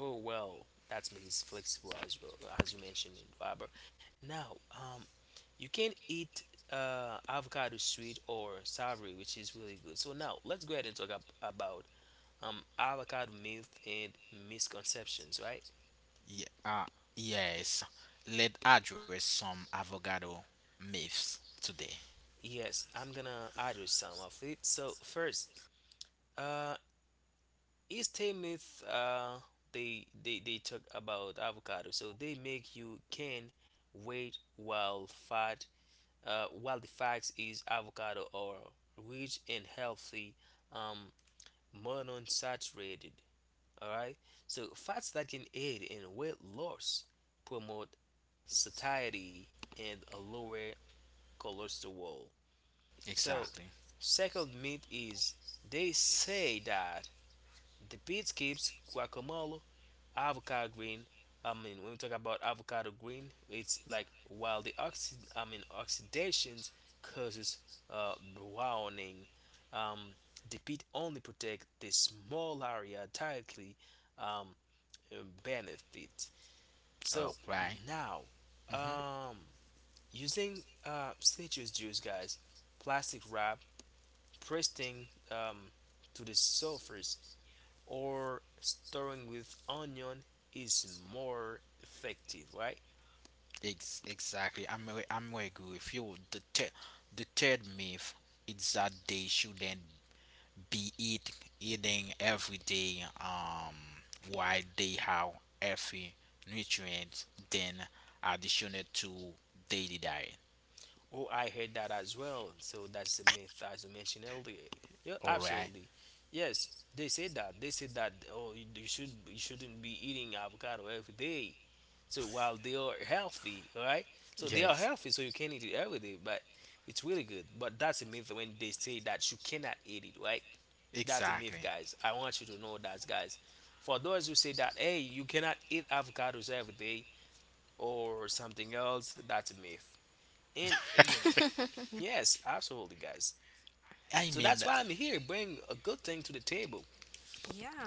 S3: Oh well, that's make it flexible as well, as you mentioned, Robert. Now, you can eat avocado sweet or savory, which is really good. So now let's go ahead and talk ab about, um, avocado myth and misconceptions, right?
S1: Yeah, uh, yes. Let's address some avocado myths today.
S3: Yes, I'm gonna address some of it. So first, uh, is a myth. They talk about avocado. So they make you can weight while fat, while the fact is avocado oil rich in healthy, um, monounsaturated, all right, so fats that can aid in weight loss, promote satiety, and a lower cholesterol. So
S1: Exactly.
S3: second myth is they say that the pit keeps guacamole, avocado green. I mean, when we talk about avocado green, it's like while the oxidations causes browning. Um, the pit only protect the small area directly, um, benefit.
S1: All
S3: So
S1: right.
S3: now, um, using citrus juice, guys, plastic wrap, pressing, to the surface or storing with onion is more effective, right?
S1: Exactly. I'm with you. If you the third myth is that they shouldn't be eating every day. While they have every nutrient then additional to daily diet.
S3: Oh, I heard that as well. So that's the myth, as you mentioned earlier. Yeah,
S1: All right.
S3: absolutely. Yes, they said that. They said that. Oh, you should you shouldn't be eating avocado every day. So while they are healthy, all right. So
S1: Yeah.
S3: they are healthy, so you can eat it every day, but it's really good. But that's a myth when they say that you cannot eat it, right? That's a myth,
S1: Exactly.
S3: guys. I want you to know that, guys. For those who say that, hey, you cannot eat avocados every day or something else, that's a myth. And again, yes, absolutely, guys.
S1: I
S3: So
S1: mean
S3: that's
S1: that.
S3: why I'm here, bring a good thing to the table.
S2: Yeah.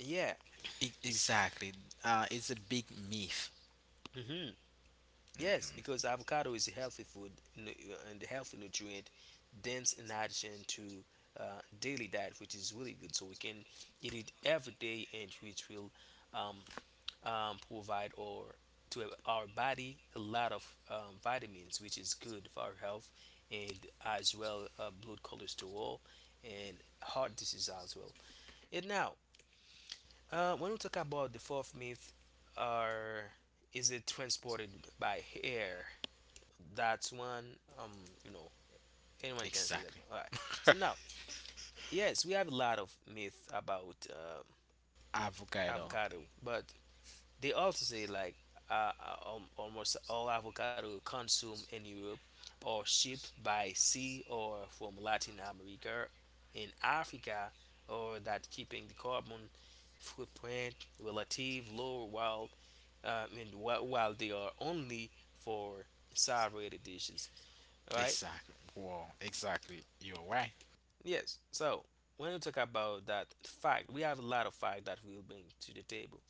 S3: Yeah.
S1: Exactly. It's a big myth.
S3: Mm-hmm. Yes, because avocado is a healthy food and a healthy nutrient, dense in addition to daily diet, which is really good. So we can eat it every day, and which will um, provide or to our body a lot of vitamins, which is good for our health, and as well blood cholesterol and heart disease as well. And now when we talk about the fourth myth, are is it transported by air? That's one. You know, anyone can say that.
S1: Exactly.
S3: All right. So now, yes, we have a lot of myths about
S1: Avocado.
S3: avocado, but they also say like almost all avocado consumed in Europe or shipped by sea or from Latin America in Africa, or that keeping the carbon footprint relative low while while they are only for salad dishes, right?
S1: Exactly. Wow. Exactly. You're right.
S3: Yes. So when we talk about that fact, we have a lot of fact that we'll bring to the table.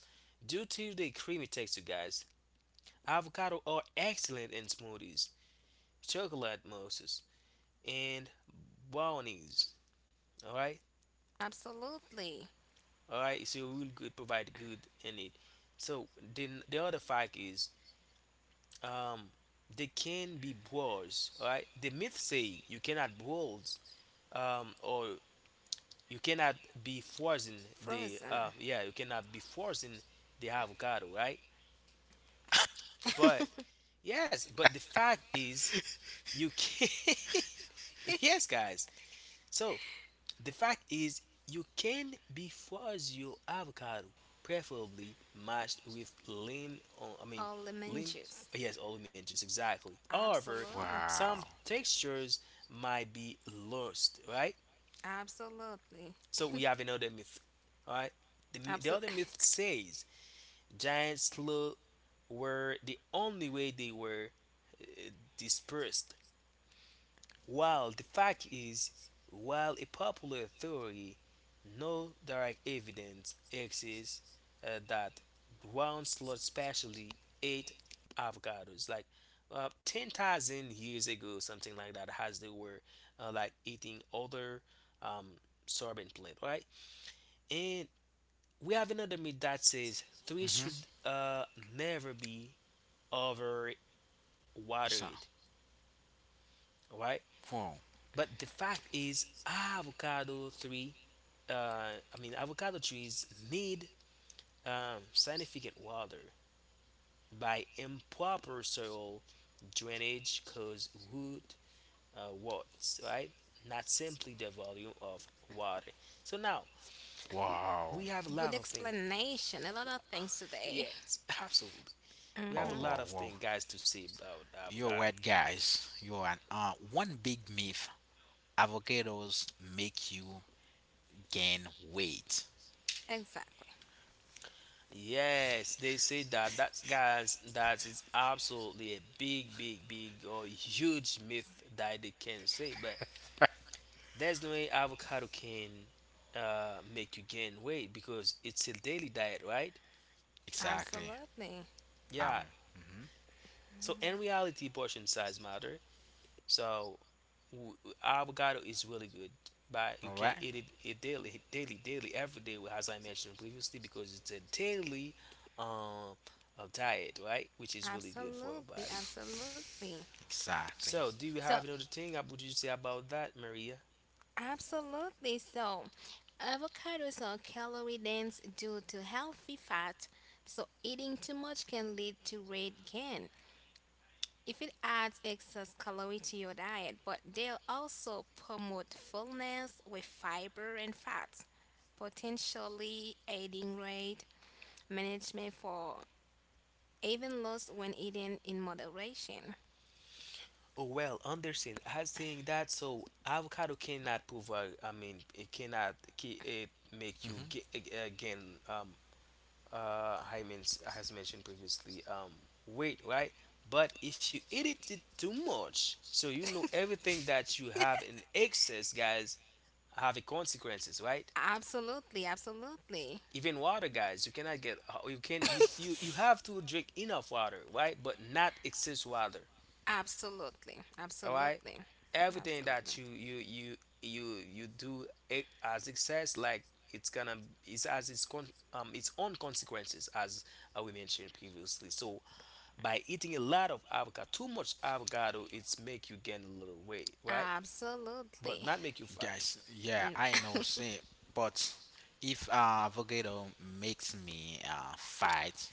S3: Due to the creamy texture, guys, avocado are excellent in smoothies, chocolate mousses, and brownies. All right,
S2: Absolutely.
S3: all right. So we'll good provide good in it. So then the other fact is, um, they can be boiled. All right. The myth say you cannot boil or you cannot be forcing the
S2: Frozen.
S3: yeah you cannot be forcing the avocado, right? But yes, but the fact is you can yes guys, so the fact is you can be force your avocado, preferably matched with lime, or I mean
S2: All lemon
S3: lime,
S2: juice.
S3: yes, all lemon juice, exactly. However,
S2: Absolutely.
S1: Wow.
S3: some textures might be lost, right?
S2: Absolutely.
S3: So we have another myth. All right. The other
S2: Absolutely.
S3: myth says giants slow were the only way they were uh, dispersed. While the fact is, while a popular theory, no direct evidence exists that ground sloths specially ate avocados. Like 10,000 years ago, something like that, as they were like eating other um, sorbent plant, right? And we have another myth that says threes
S1: Mhm.
S3: should never be over
S1: So.
S3: watered, right?
S1: Wow.
S3: But the fact is, avocado three, uh, I mean, avocado trees need significant water by improper soil drainage cause root warts, right? Not simply the volume of water. So now
S1: Wow.
S3: we have a
S2: Good
S3: lot of things.
S2: explanation, a lot of things today.
S3: Yes, absolutely. We have
S2: Hmm.
S1: Wow.
S3: a lot
S1: Wow.
S3: of
S1: Wow.
S3: things, guys, to say about
S1: You're
S3: avocado.
S1: right, guys. You're an, one big myth Avocados make you gain weight.
S2: Exactly.
S3: Yes, they say that, that's guys, that is absolutely a big, big, big or huge myth that they can say. But there's no way avocado can make you gain weight because it's a daily diet, right?
S1: Exactly.
S2: Absolutely.
S1: Um.
S3: Yeah.
S1: Mhm.
S3: So in reality, portion size matter. So avocado is really good,
S1: All
S3: but you
S1: right.
S3: can eat it, it daily, daily, daily, every day, as I mentioned previously, because it's a daily um, diet, right? Which is really good for our
S2: Absolutely.
S3: body.
S2: Absolutely.
S1: Exactly.
S3: So, do you
S2: So,
S3: have another thing? Would you say about that, Maria?
S2: absolutely. So, avocados are calorie dense due to healthy fat. So, eating too much can lead to weight gain if it adds excess calorie to your diet, but they'll also promote fullness with fiber and fats potentially aiding weight management for even lost when eaten in moderation.
S3: Oh, well, Anderson has saying that so avocado cannot provide. I mean, it cannot. It make you
S1: Hmm.
S3: get again. I mean, has mentioned previously. Weight, right? But if you eat it too much, so you know everything that you have in excess, guys, have a consequences, right?
S2: Absolutely, absolutely,
S3: Even water, guys, you cannot get. You can, you have to drink enough water, right? But not excess water.
S2: absolutely,
S3: All right,
S2: absolutely,
S3: everything
S2: absolutely,
S3: that you do it as excess, like it's gonna, it's as its con, its own consequences, as we mentioned previously. So by eating a lot of avocado, too much avocado, it's make you gain a little weight, right? But
S2: absolutely,
S3: not make you fat.
S1: Guys, yeah,
S2: mm,
S1: I know. See, but if avocado makes me fight,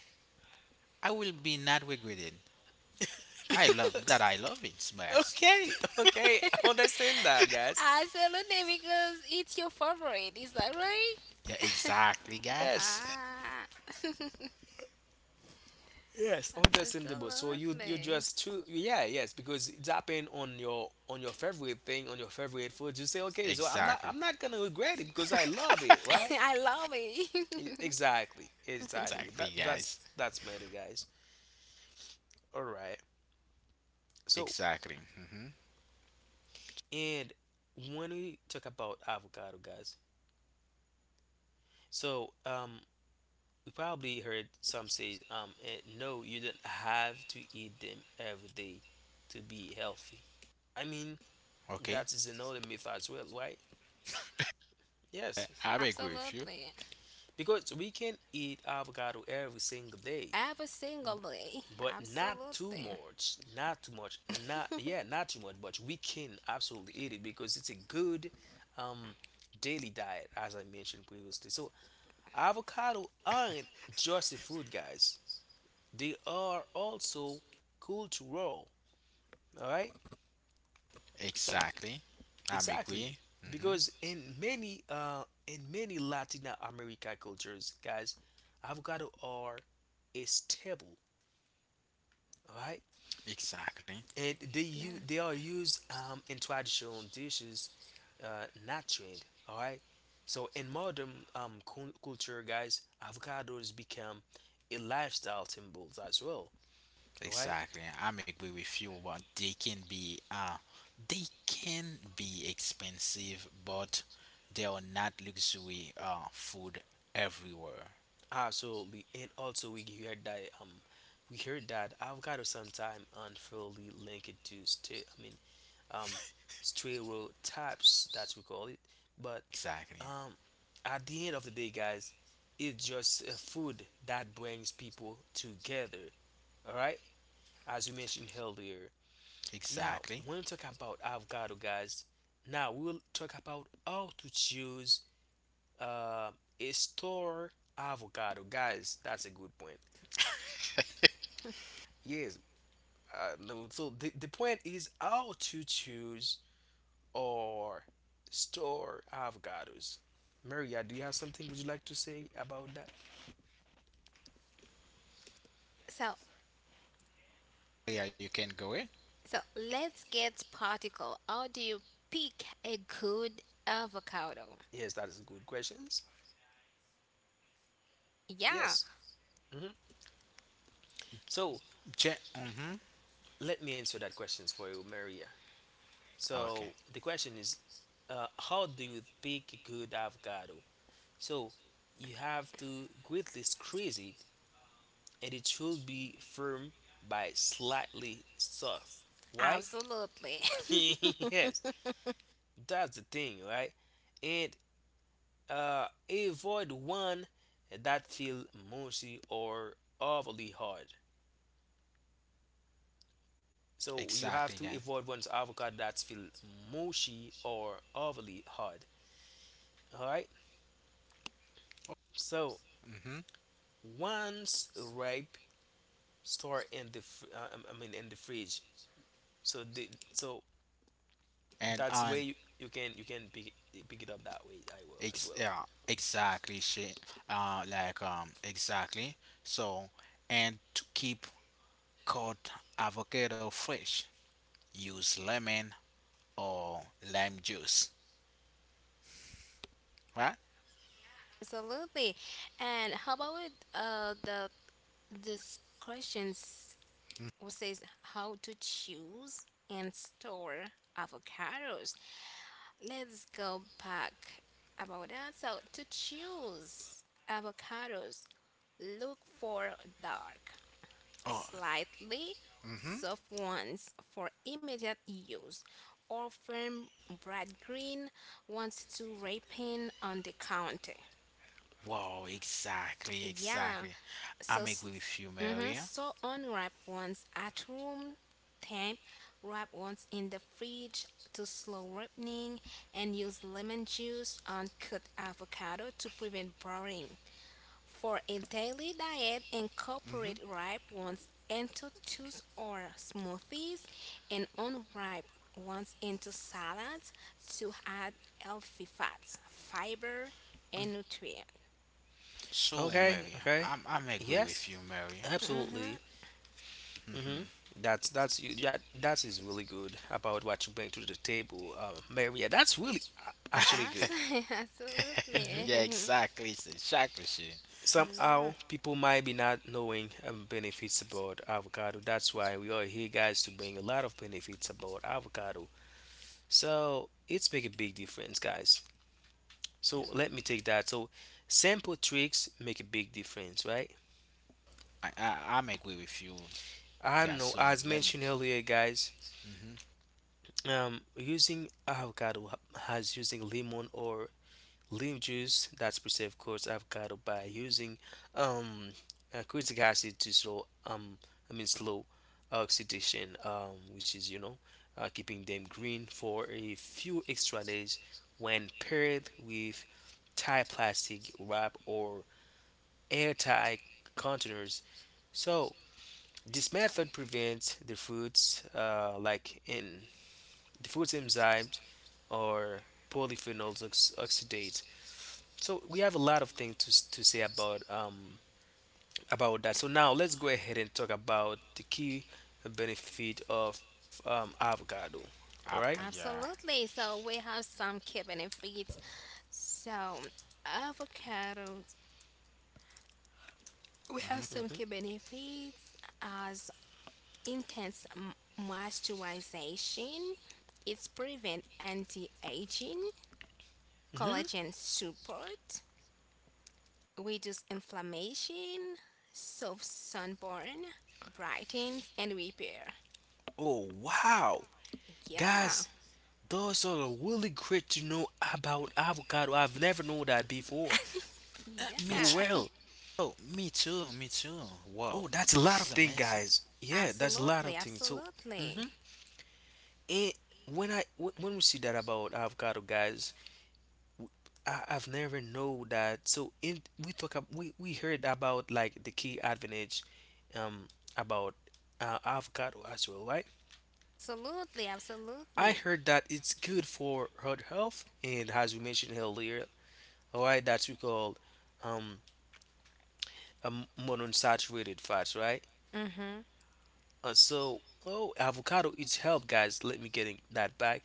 S1: I will be not regretted. I love that.
S3: because.
S1: I love it, guys.
S3: Okay, okay, I understand that, guys.
S2: absolutely, because it's your favorite, is that right?
S1: Yeah, exactly,
S3: Yes,
S1: guys.
S2: Ah,
S3: yes, understandable. So you
S2: absolutely.
S3: just too, yeah, yes, because it's happened on your favorite thing, on your favorite food. You say okay, so I'm not
S1: Exactly.
S3: I'm not gonna regret it because I love it, right?
S2: I love it.
S3: Exactly, exactly.
S1: Exactly,
S3: That's
S1: guys.
S3: that's matter, guys. All right. So
S1: Exactly. Hmm.
S3: and when we talk about avocado, guys, so we probably heard some say no, you don't have to eat them every day to be healthy. I mean
S1: Okay.
S3: that is another myth as well, right? Yes,
S1: I agree with you.
S2: Absolutely.
S3: because we can eat avocado every single day,
S2: Every single day.
S3: b- but not too
S2: Absolutely.
S3: much, not too much, not, yeah, not too much, but we can absolutely eat it because it's a good um daily diet, as I mentioned previously. So avocado aren't just a food, guys. They are also cultural. All right. So
S1: Exactly. I'm
S3: exactly,
S1: agree. Hmm.
S3: because in many Latin America cultures, guys, avocado are a staple, right?
S1: Exactly.
S3: And they
S2: Yeah.
S3: they are used in traditional dishes, not trend, all right. So in modern culture, guys, avocados become a lifestyle symbols as well, all right?
S1: Exactly. I'm agree with you, but they can be expensive, but they are not luxury food everywhere.
S3: Absolutely, and also we heard that avocado sometime unfairly linked to state. I mean um, stereotypes that we call it. But
S1: Exactly.
S3: um, at the end of the day, guys, it's just a food that brings people together. All right, as we mentioned earlier. Now,
S1: Exactly.
S3: when we talk about avocado, guys, now we will talk about how to choose uh, a store avocado, guys. That's a good point. Yes. No, so the point is how to choose or store avocados. Maria, do you have something would you like to say about that?
S2: So
S1: Yeah, you can go it.
S2: so let's get practical. How do you pick a good avocado?
S3: Yes, that is good questions.
S2: Yeah,
S3: Yes. Hmm. So
S1: Mm-hmm.
S3: let me answer that questions for you, Maria.
S1: Okay.
S3: So the question is, how do you pick a good avocado? So you have to greatly squeeze it, and it should be firm by slightly soft. Right?
S2: absolutely.
S3: Yes, that's the thing, right? And avoid one that feel mushy or overly hard. So you
S1: Exactly,
S3: have
S1: guys.
S3: to avoid one's avocado that feel mushy or overly hard. All right. So
S1: Mm-hmm.
S3: once ripe, store in the I mean in the fridge. So the so
S1: And
S3: that's the way
S1: on
S3: you, you can pick it up that way. I will as
S1: ex
S3: well.
S1: yeah, exactly shit. Exactly. So, and to keep called avocado fresh. Use lemon or lime juice, right?
S2: Absolutely. And how about with the this questions which says how to choose and store avocados. Let's go back about that. So to choose avocados, look for dark,
S1: Oh,
S2: slightly
S1: mm-hmm.
S2: soft ones for immediate use, or firm bright green ones to ripen on the counter.
S1: Wow, exactly,
S2: Yeah,
S1: exactly.
S2: so
S1: I'm
S2: s-
S1: agree with you,
S2: mhm,
S1: Maria.
S2: so unripe ones at room temp, wrap ones in the fridge to slow ripening, and use lemon juice on cut avocado to prevent browning. For a daily diet, incorporate ripe ones into juice or smoothies and unripe ones into salads to add healthy fats, fiber, and nutrients.
S1: So,
S3: Okay.
S1: Maria,
S3: Okay.
S1: I'm agree
S3: Yes.
S1: with you, Maria.
S2: Mm-hmm.
S3: Absolutely. Hmm. That's you that that is really good about what you bring to the table, Maria. That's really actually
S1: Mm-hmm.
S3: good.
S2: Absolutely.
S3: Hmm.
S1: yeah,
S2: Absolutely.
S1: exactly, exactly, she.
S2: Yeah,
S3: Somehow people might be not knowing benefits about avocado. That's why we are here, guys, to bring a lot of benefits about avocado. So it's make a big difference, guys. So let me take that. So simple tricks make a big difference, right?
S1: I I'm agree with you
S3: I don't
S1: guys.
S3: know.
S1: So
S3: As
S1: let me.
S3: mentioned earlier, guys,
S1: Hmm.
S3: using avocado as using lemon or leaf juice that's preserved coarse avocado by using um citric acid to slow I mean slow oxidation, which is you know, keeping them green for a few extra days when paired with Thai plastic wrap or airtight containers. So this method prevents the fruits like in the fruit's enzymes or polyphenols oxidate. So we have a lot of things to to say about that. So now let's go ahead and talk about the key benefit of avocado. All right?
S1: Yeah.
S2: absolutely. So we have some key benefits. So avocados, we have
S1: Hmm.
S2: some key
S3: Mm-hmm.
S2: benefits as intense moisturization. It's prevent anti-aging,
S3: Mm-hmm.
S2: collagen support, reduce inflammation, solve sunburn, brightens and repair.
S3: Oh wow,
S2: Yeah,
S3: guys, those are really great to know about avocado. I've never known that before.
S1: Me
S3: Oh
S1: too.
S2: yeah,
S3: well.
S1: Oh, me too. Me too. Whoa,
S3: Oh, that's a lot
S1: this
S3: of
S1: is
S3: things,
S1: amazing.
S3: guys. Yeah, that's a lot of
S2: absolutely,
S3: things. So, mm-hmm,
S2: absolutely,
S3: and when when we see that about avocado, guys, I, I've never know that. So in we talk we heard about like the key advantage, um, about avocado as well, right?
S2: absolutely,
S3: I
S2: absolutely.
S3: heard that it's good for heart health, and as we mentioned earlier, all right, that's we call um a monounsaturated fats, right?
S2: Mhm,
S3: So, oh, avocado is help, guys. Let me get that back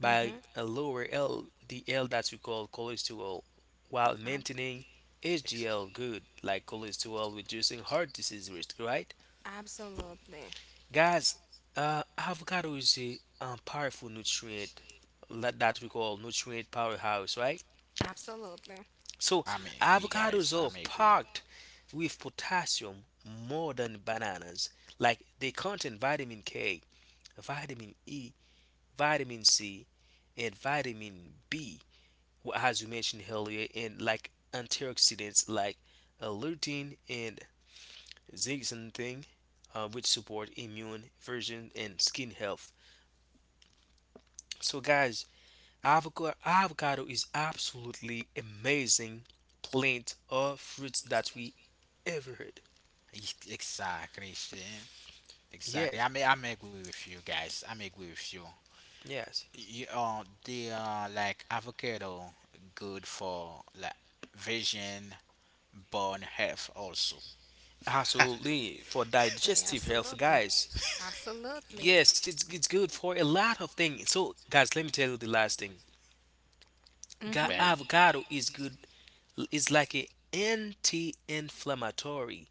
S3: by
S2: mhm.
S3: a lower L, the L that we call cholesterol, while
S2: Ab-
S3: maintaining
S1: Ex-
S3: HDL good, like cholesterol, reducing heart disease risk, right?
S2: absolutely,
S3: Guys, avocado is a powerful nutrient that, that we call nutrient powerhouse, right?
S2: absolutely,
S3: So,
S1: I'm agree, guys.
S3: avocados
S1: I'm
S3: are
S1: agree.
S3: packed with potassium more than bananas. Like they contain vitamin K, vitamin E, vitamin C, and vitamin B, as you mentioned earlier, and like antioxidants like lutein and zeaxanthin, which support immune version and skin health. So, guys, avocado is absolutely amazing plant or fruits that we ever had.
S1: Exactly. Shane. Exactly.
S3: Yes,
S1: I'm agree with you guys. I'm agree with you.
S3: yes,
S1: The are like avocado, good for like vision, bone health also.
S3: absolutely for digestive health,
S2: absolutely,
S3: guys.
S2: absolutely.
S3: Yes, it's good for a lot of things. So, guys, let me tell you the last thing.
S2: Mhm.
S1: Right.
S3: Avocado is good, is like a anti-inflammatory,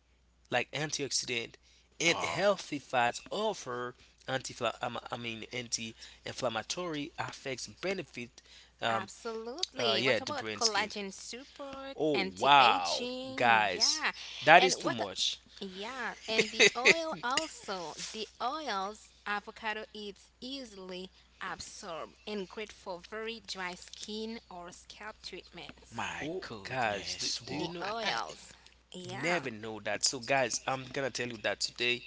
S3: like antioxidant and
S1: Wow.
S3: healthy fats offer anti, I mean anti-inflammatory effects benefit um
S2: Absolutely.
S3: yeah
S2: What
S3: the
S2: about
S3: brain skin.
S2: collagen support,
S3: Oh wow,
S2: anti-aging?
S3: guys,
S2: Yeah.
S3: that
S2: And
S3: is too
S2: what
S3: much.
S2: yeah, and the oil also. The oils avocado is easily absorbed and great for very dry skin or scalp treatments.
S1: My
S3: Oh guys,
S1: goodness.
S3: do you
S2: The
S1: Wow.
S3: know
S2: oils.
S3: you
S2: Yeah.
S3: never know that, so guys I'm gonna tell you that today.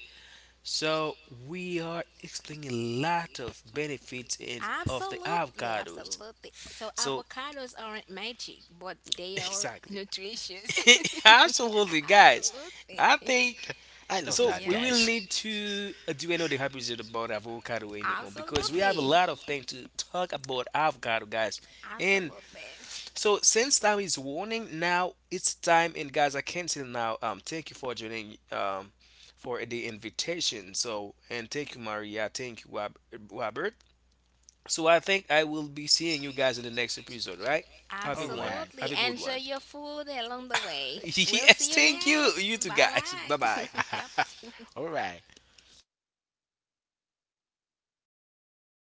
S3: So we are explaining a lot of benefits in of the
S2: Absolutely,
S3: avocados.
S2: absolutely. So
S3: So
S2: avocados aren't magic, but they are
S3: exactly,
S2: nutritious.
S3: absolutely, guys.
S2: Absolutely.
S3: I think
S1: I love
S3: so.
S1: that,
S2: Yeah.
S3: We will
S1: guys.
S3: need to do another episode about avocado anymore because we have a
S2: Absolutely.
S3: lot of things to talk about avocado, guys. And
S2: Absolutely.
S3: so since time is warning, now it's time. And guys, I cancel now. Thank you for joining. For the invitation, so and thank you, Maria. Thank you, Robert. So I think I will be seeing you guys in the next episode, right? Have a
S1: All
S3: good one.
S1: right.
S2: Absolutely.
S3: Have a good
S2: Enjoy
S3: one.
S2: your food along the way. We'll
S3: Yes,
S2: see you
S3: thank you.
S2: next.
S3: You two
S2: Bye
S3: guys. Bye
S2: bye.
S3: bye.
S2: Bye bye.
S1: All right.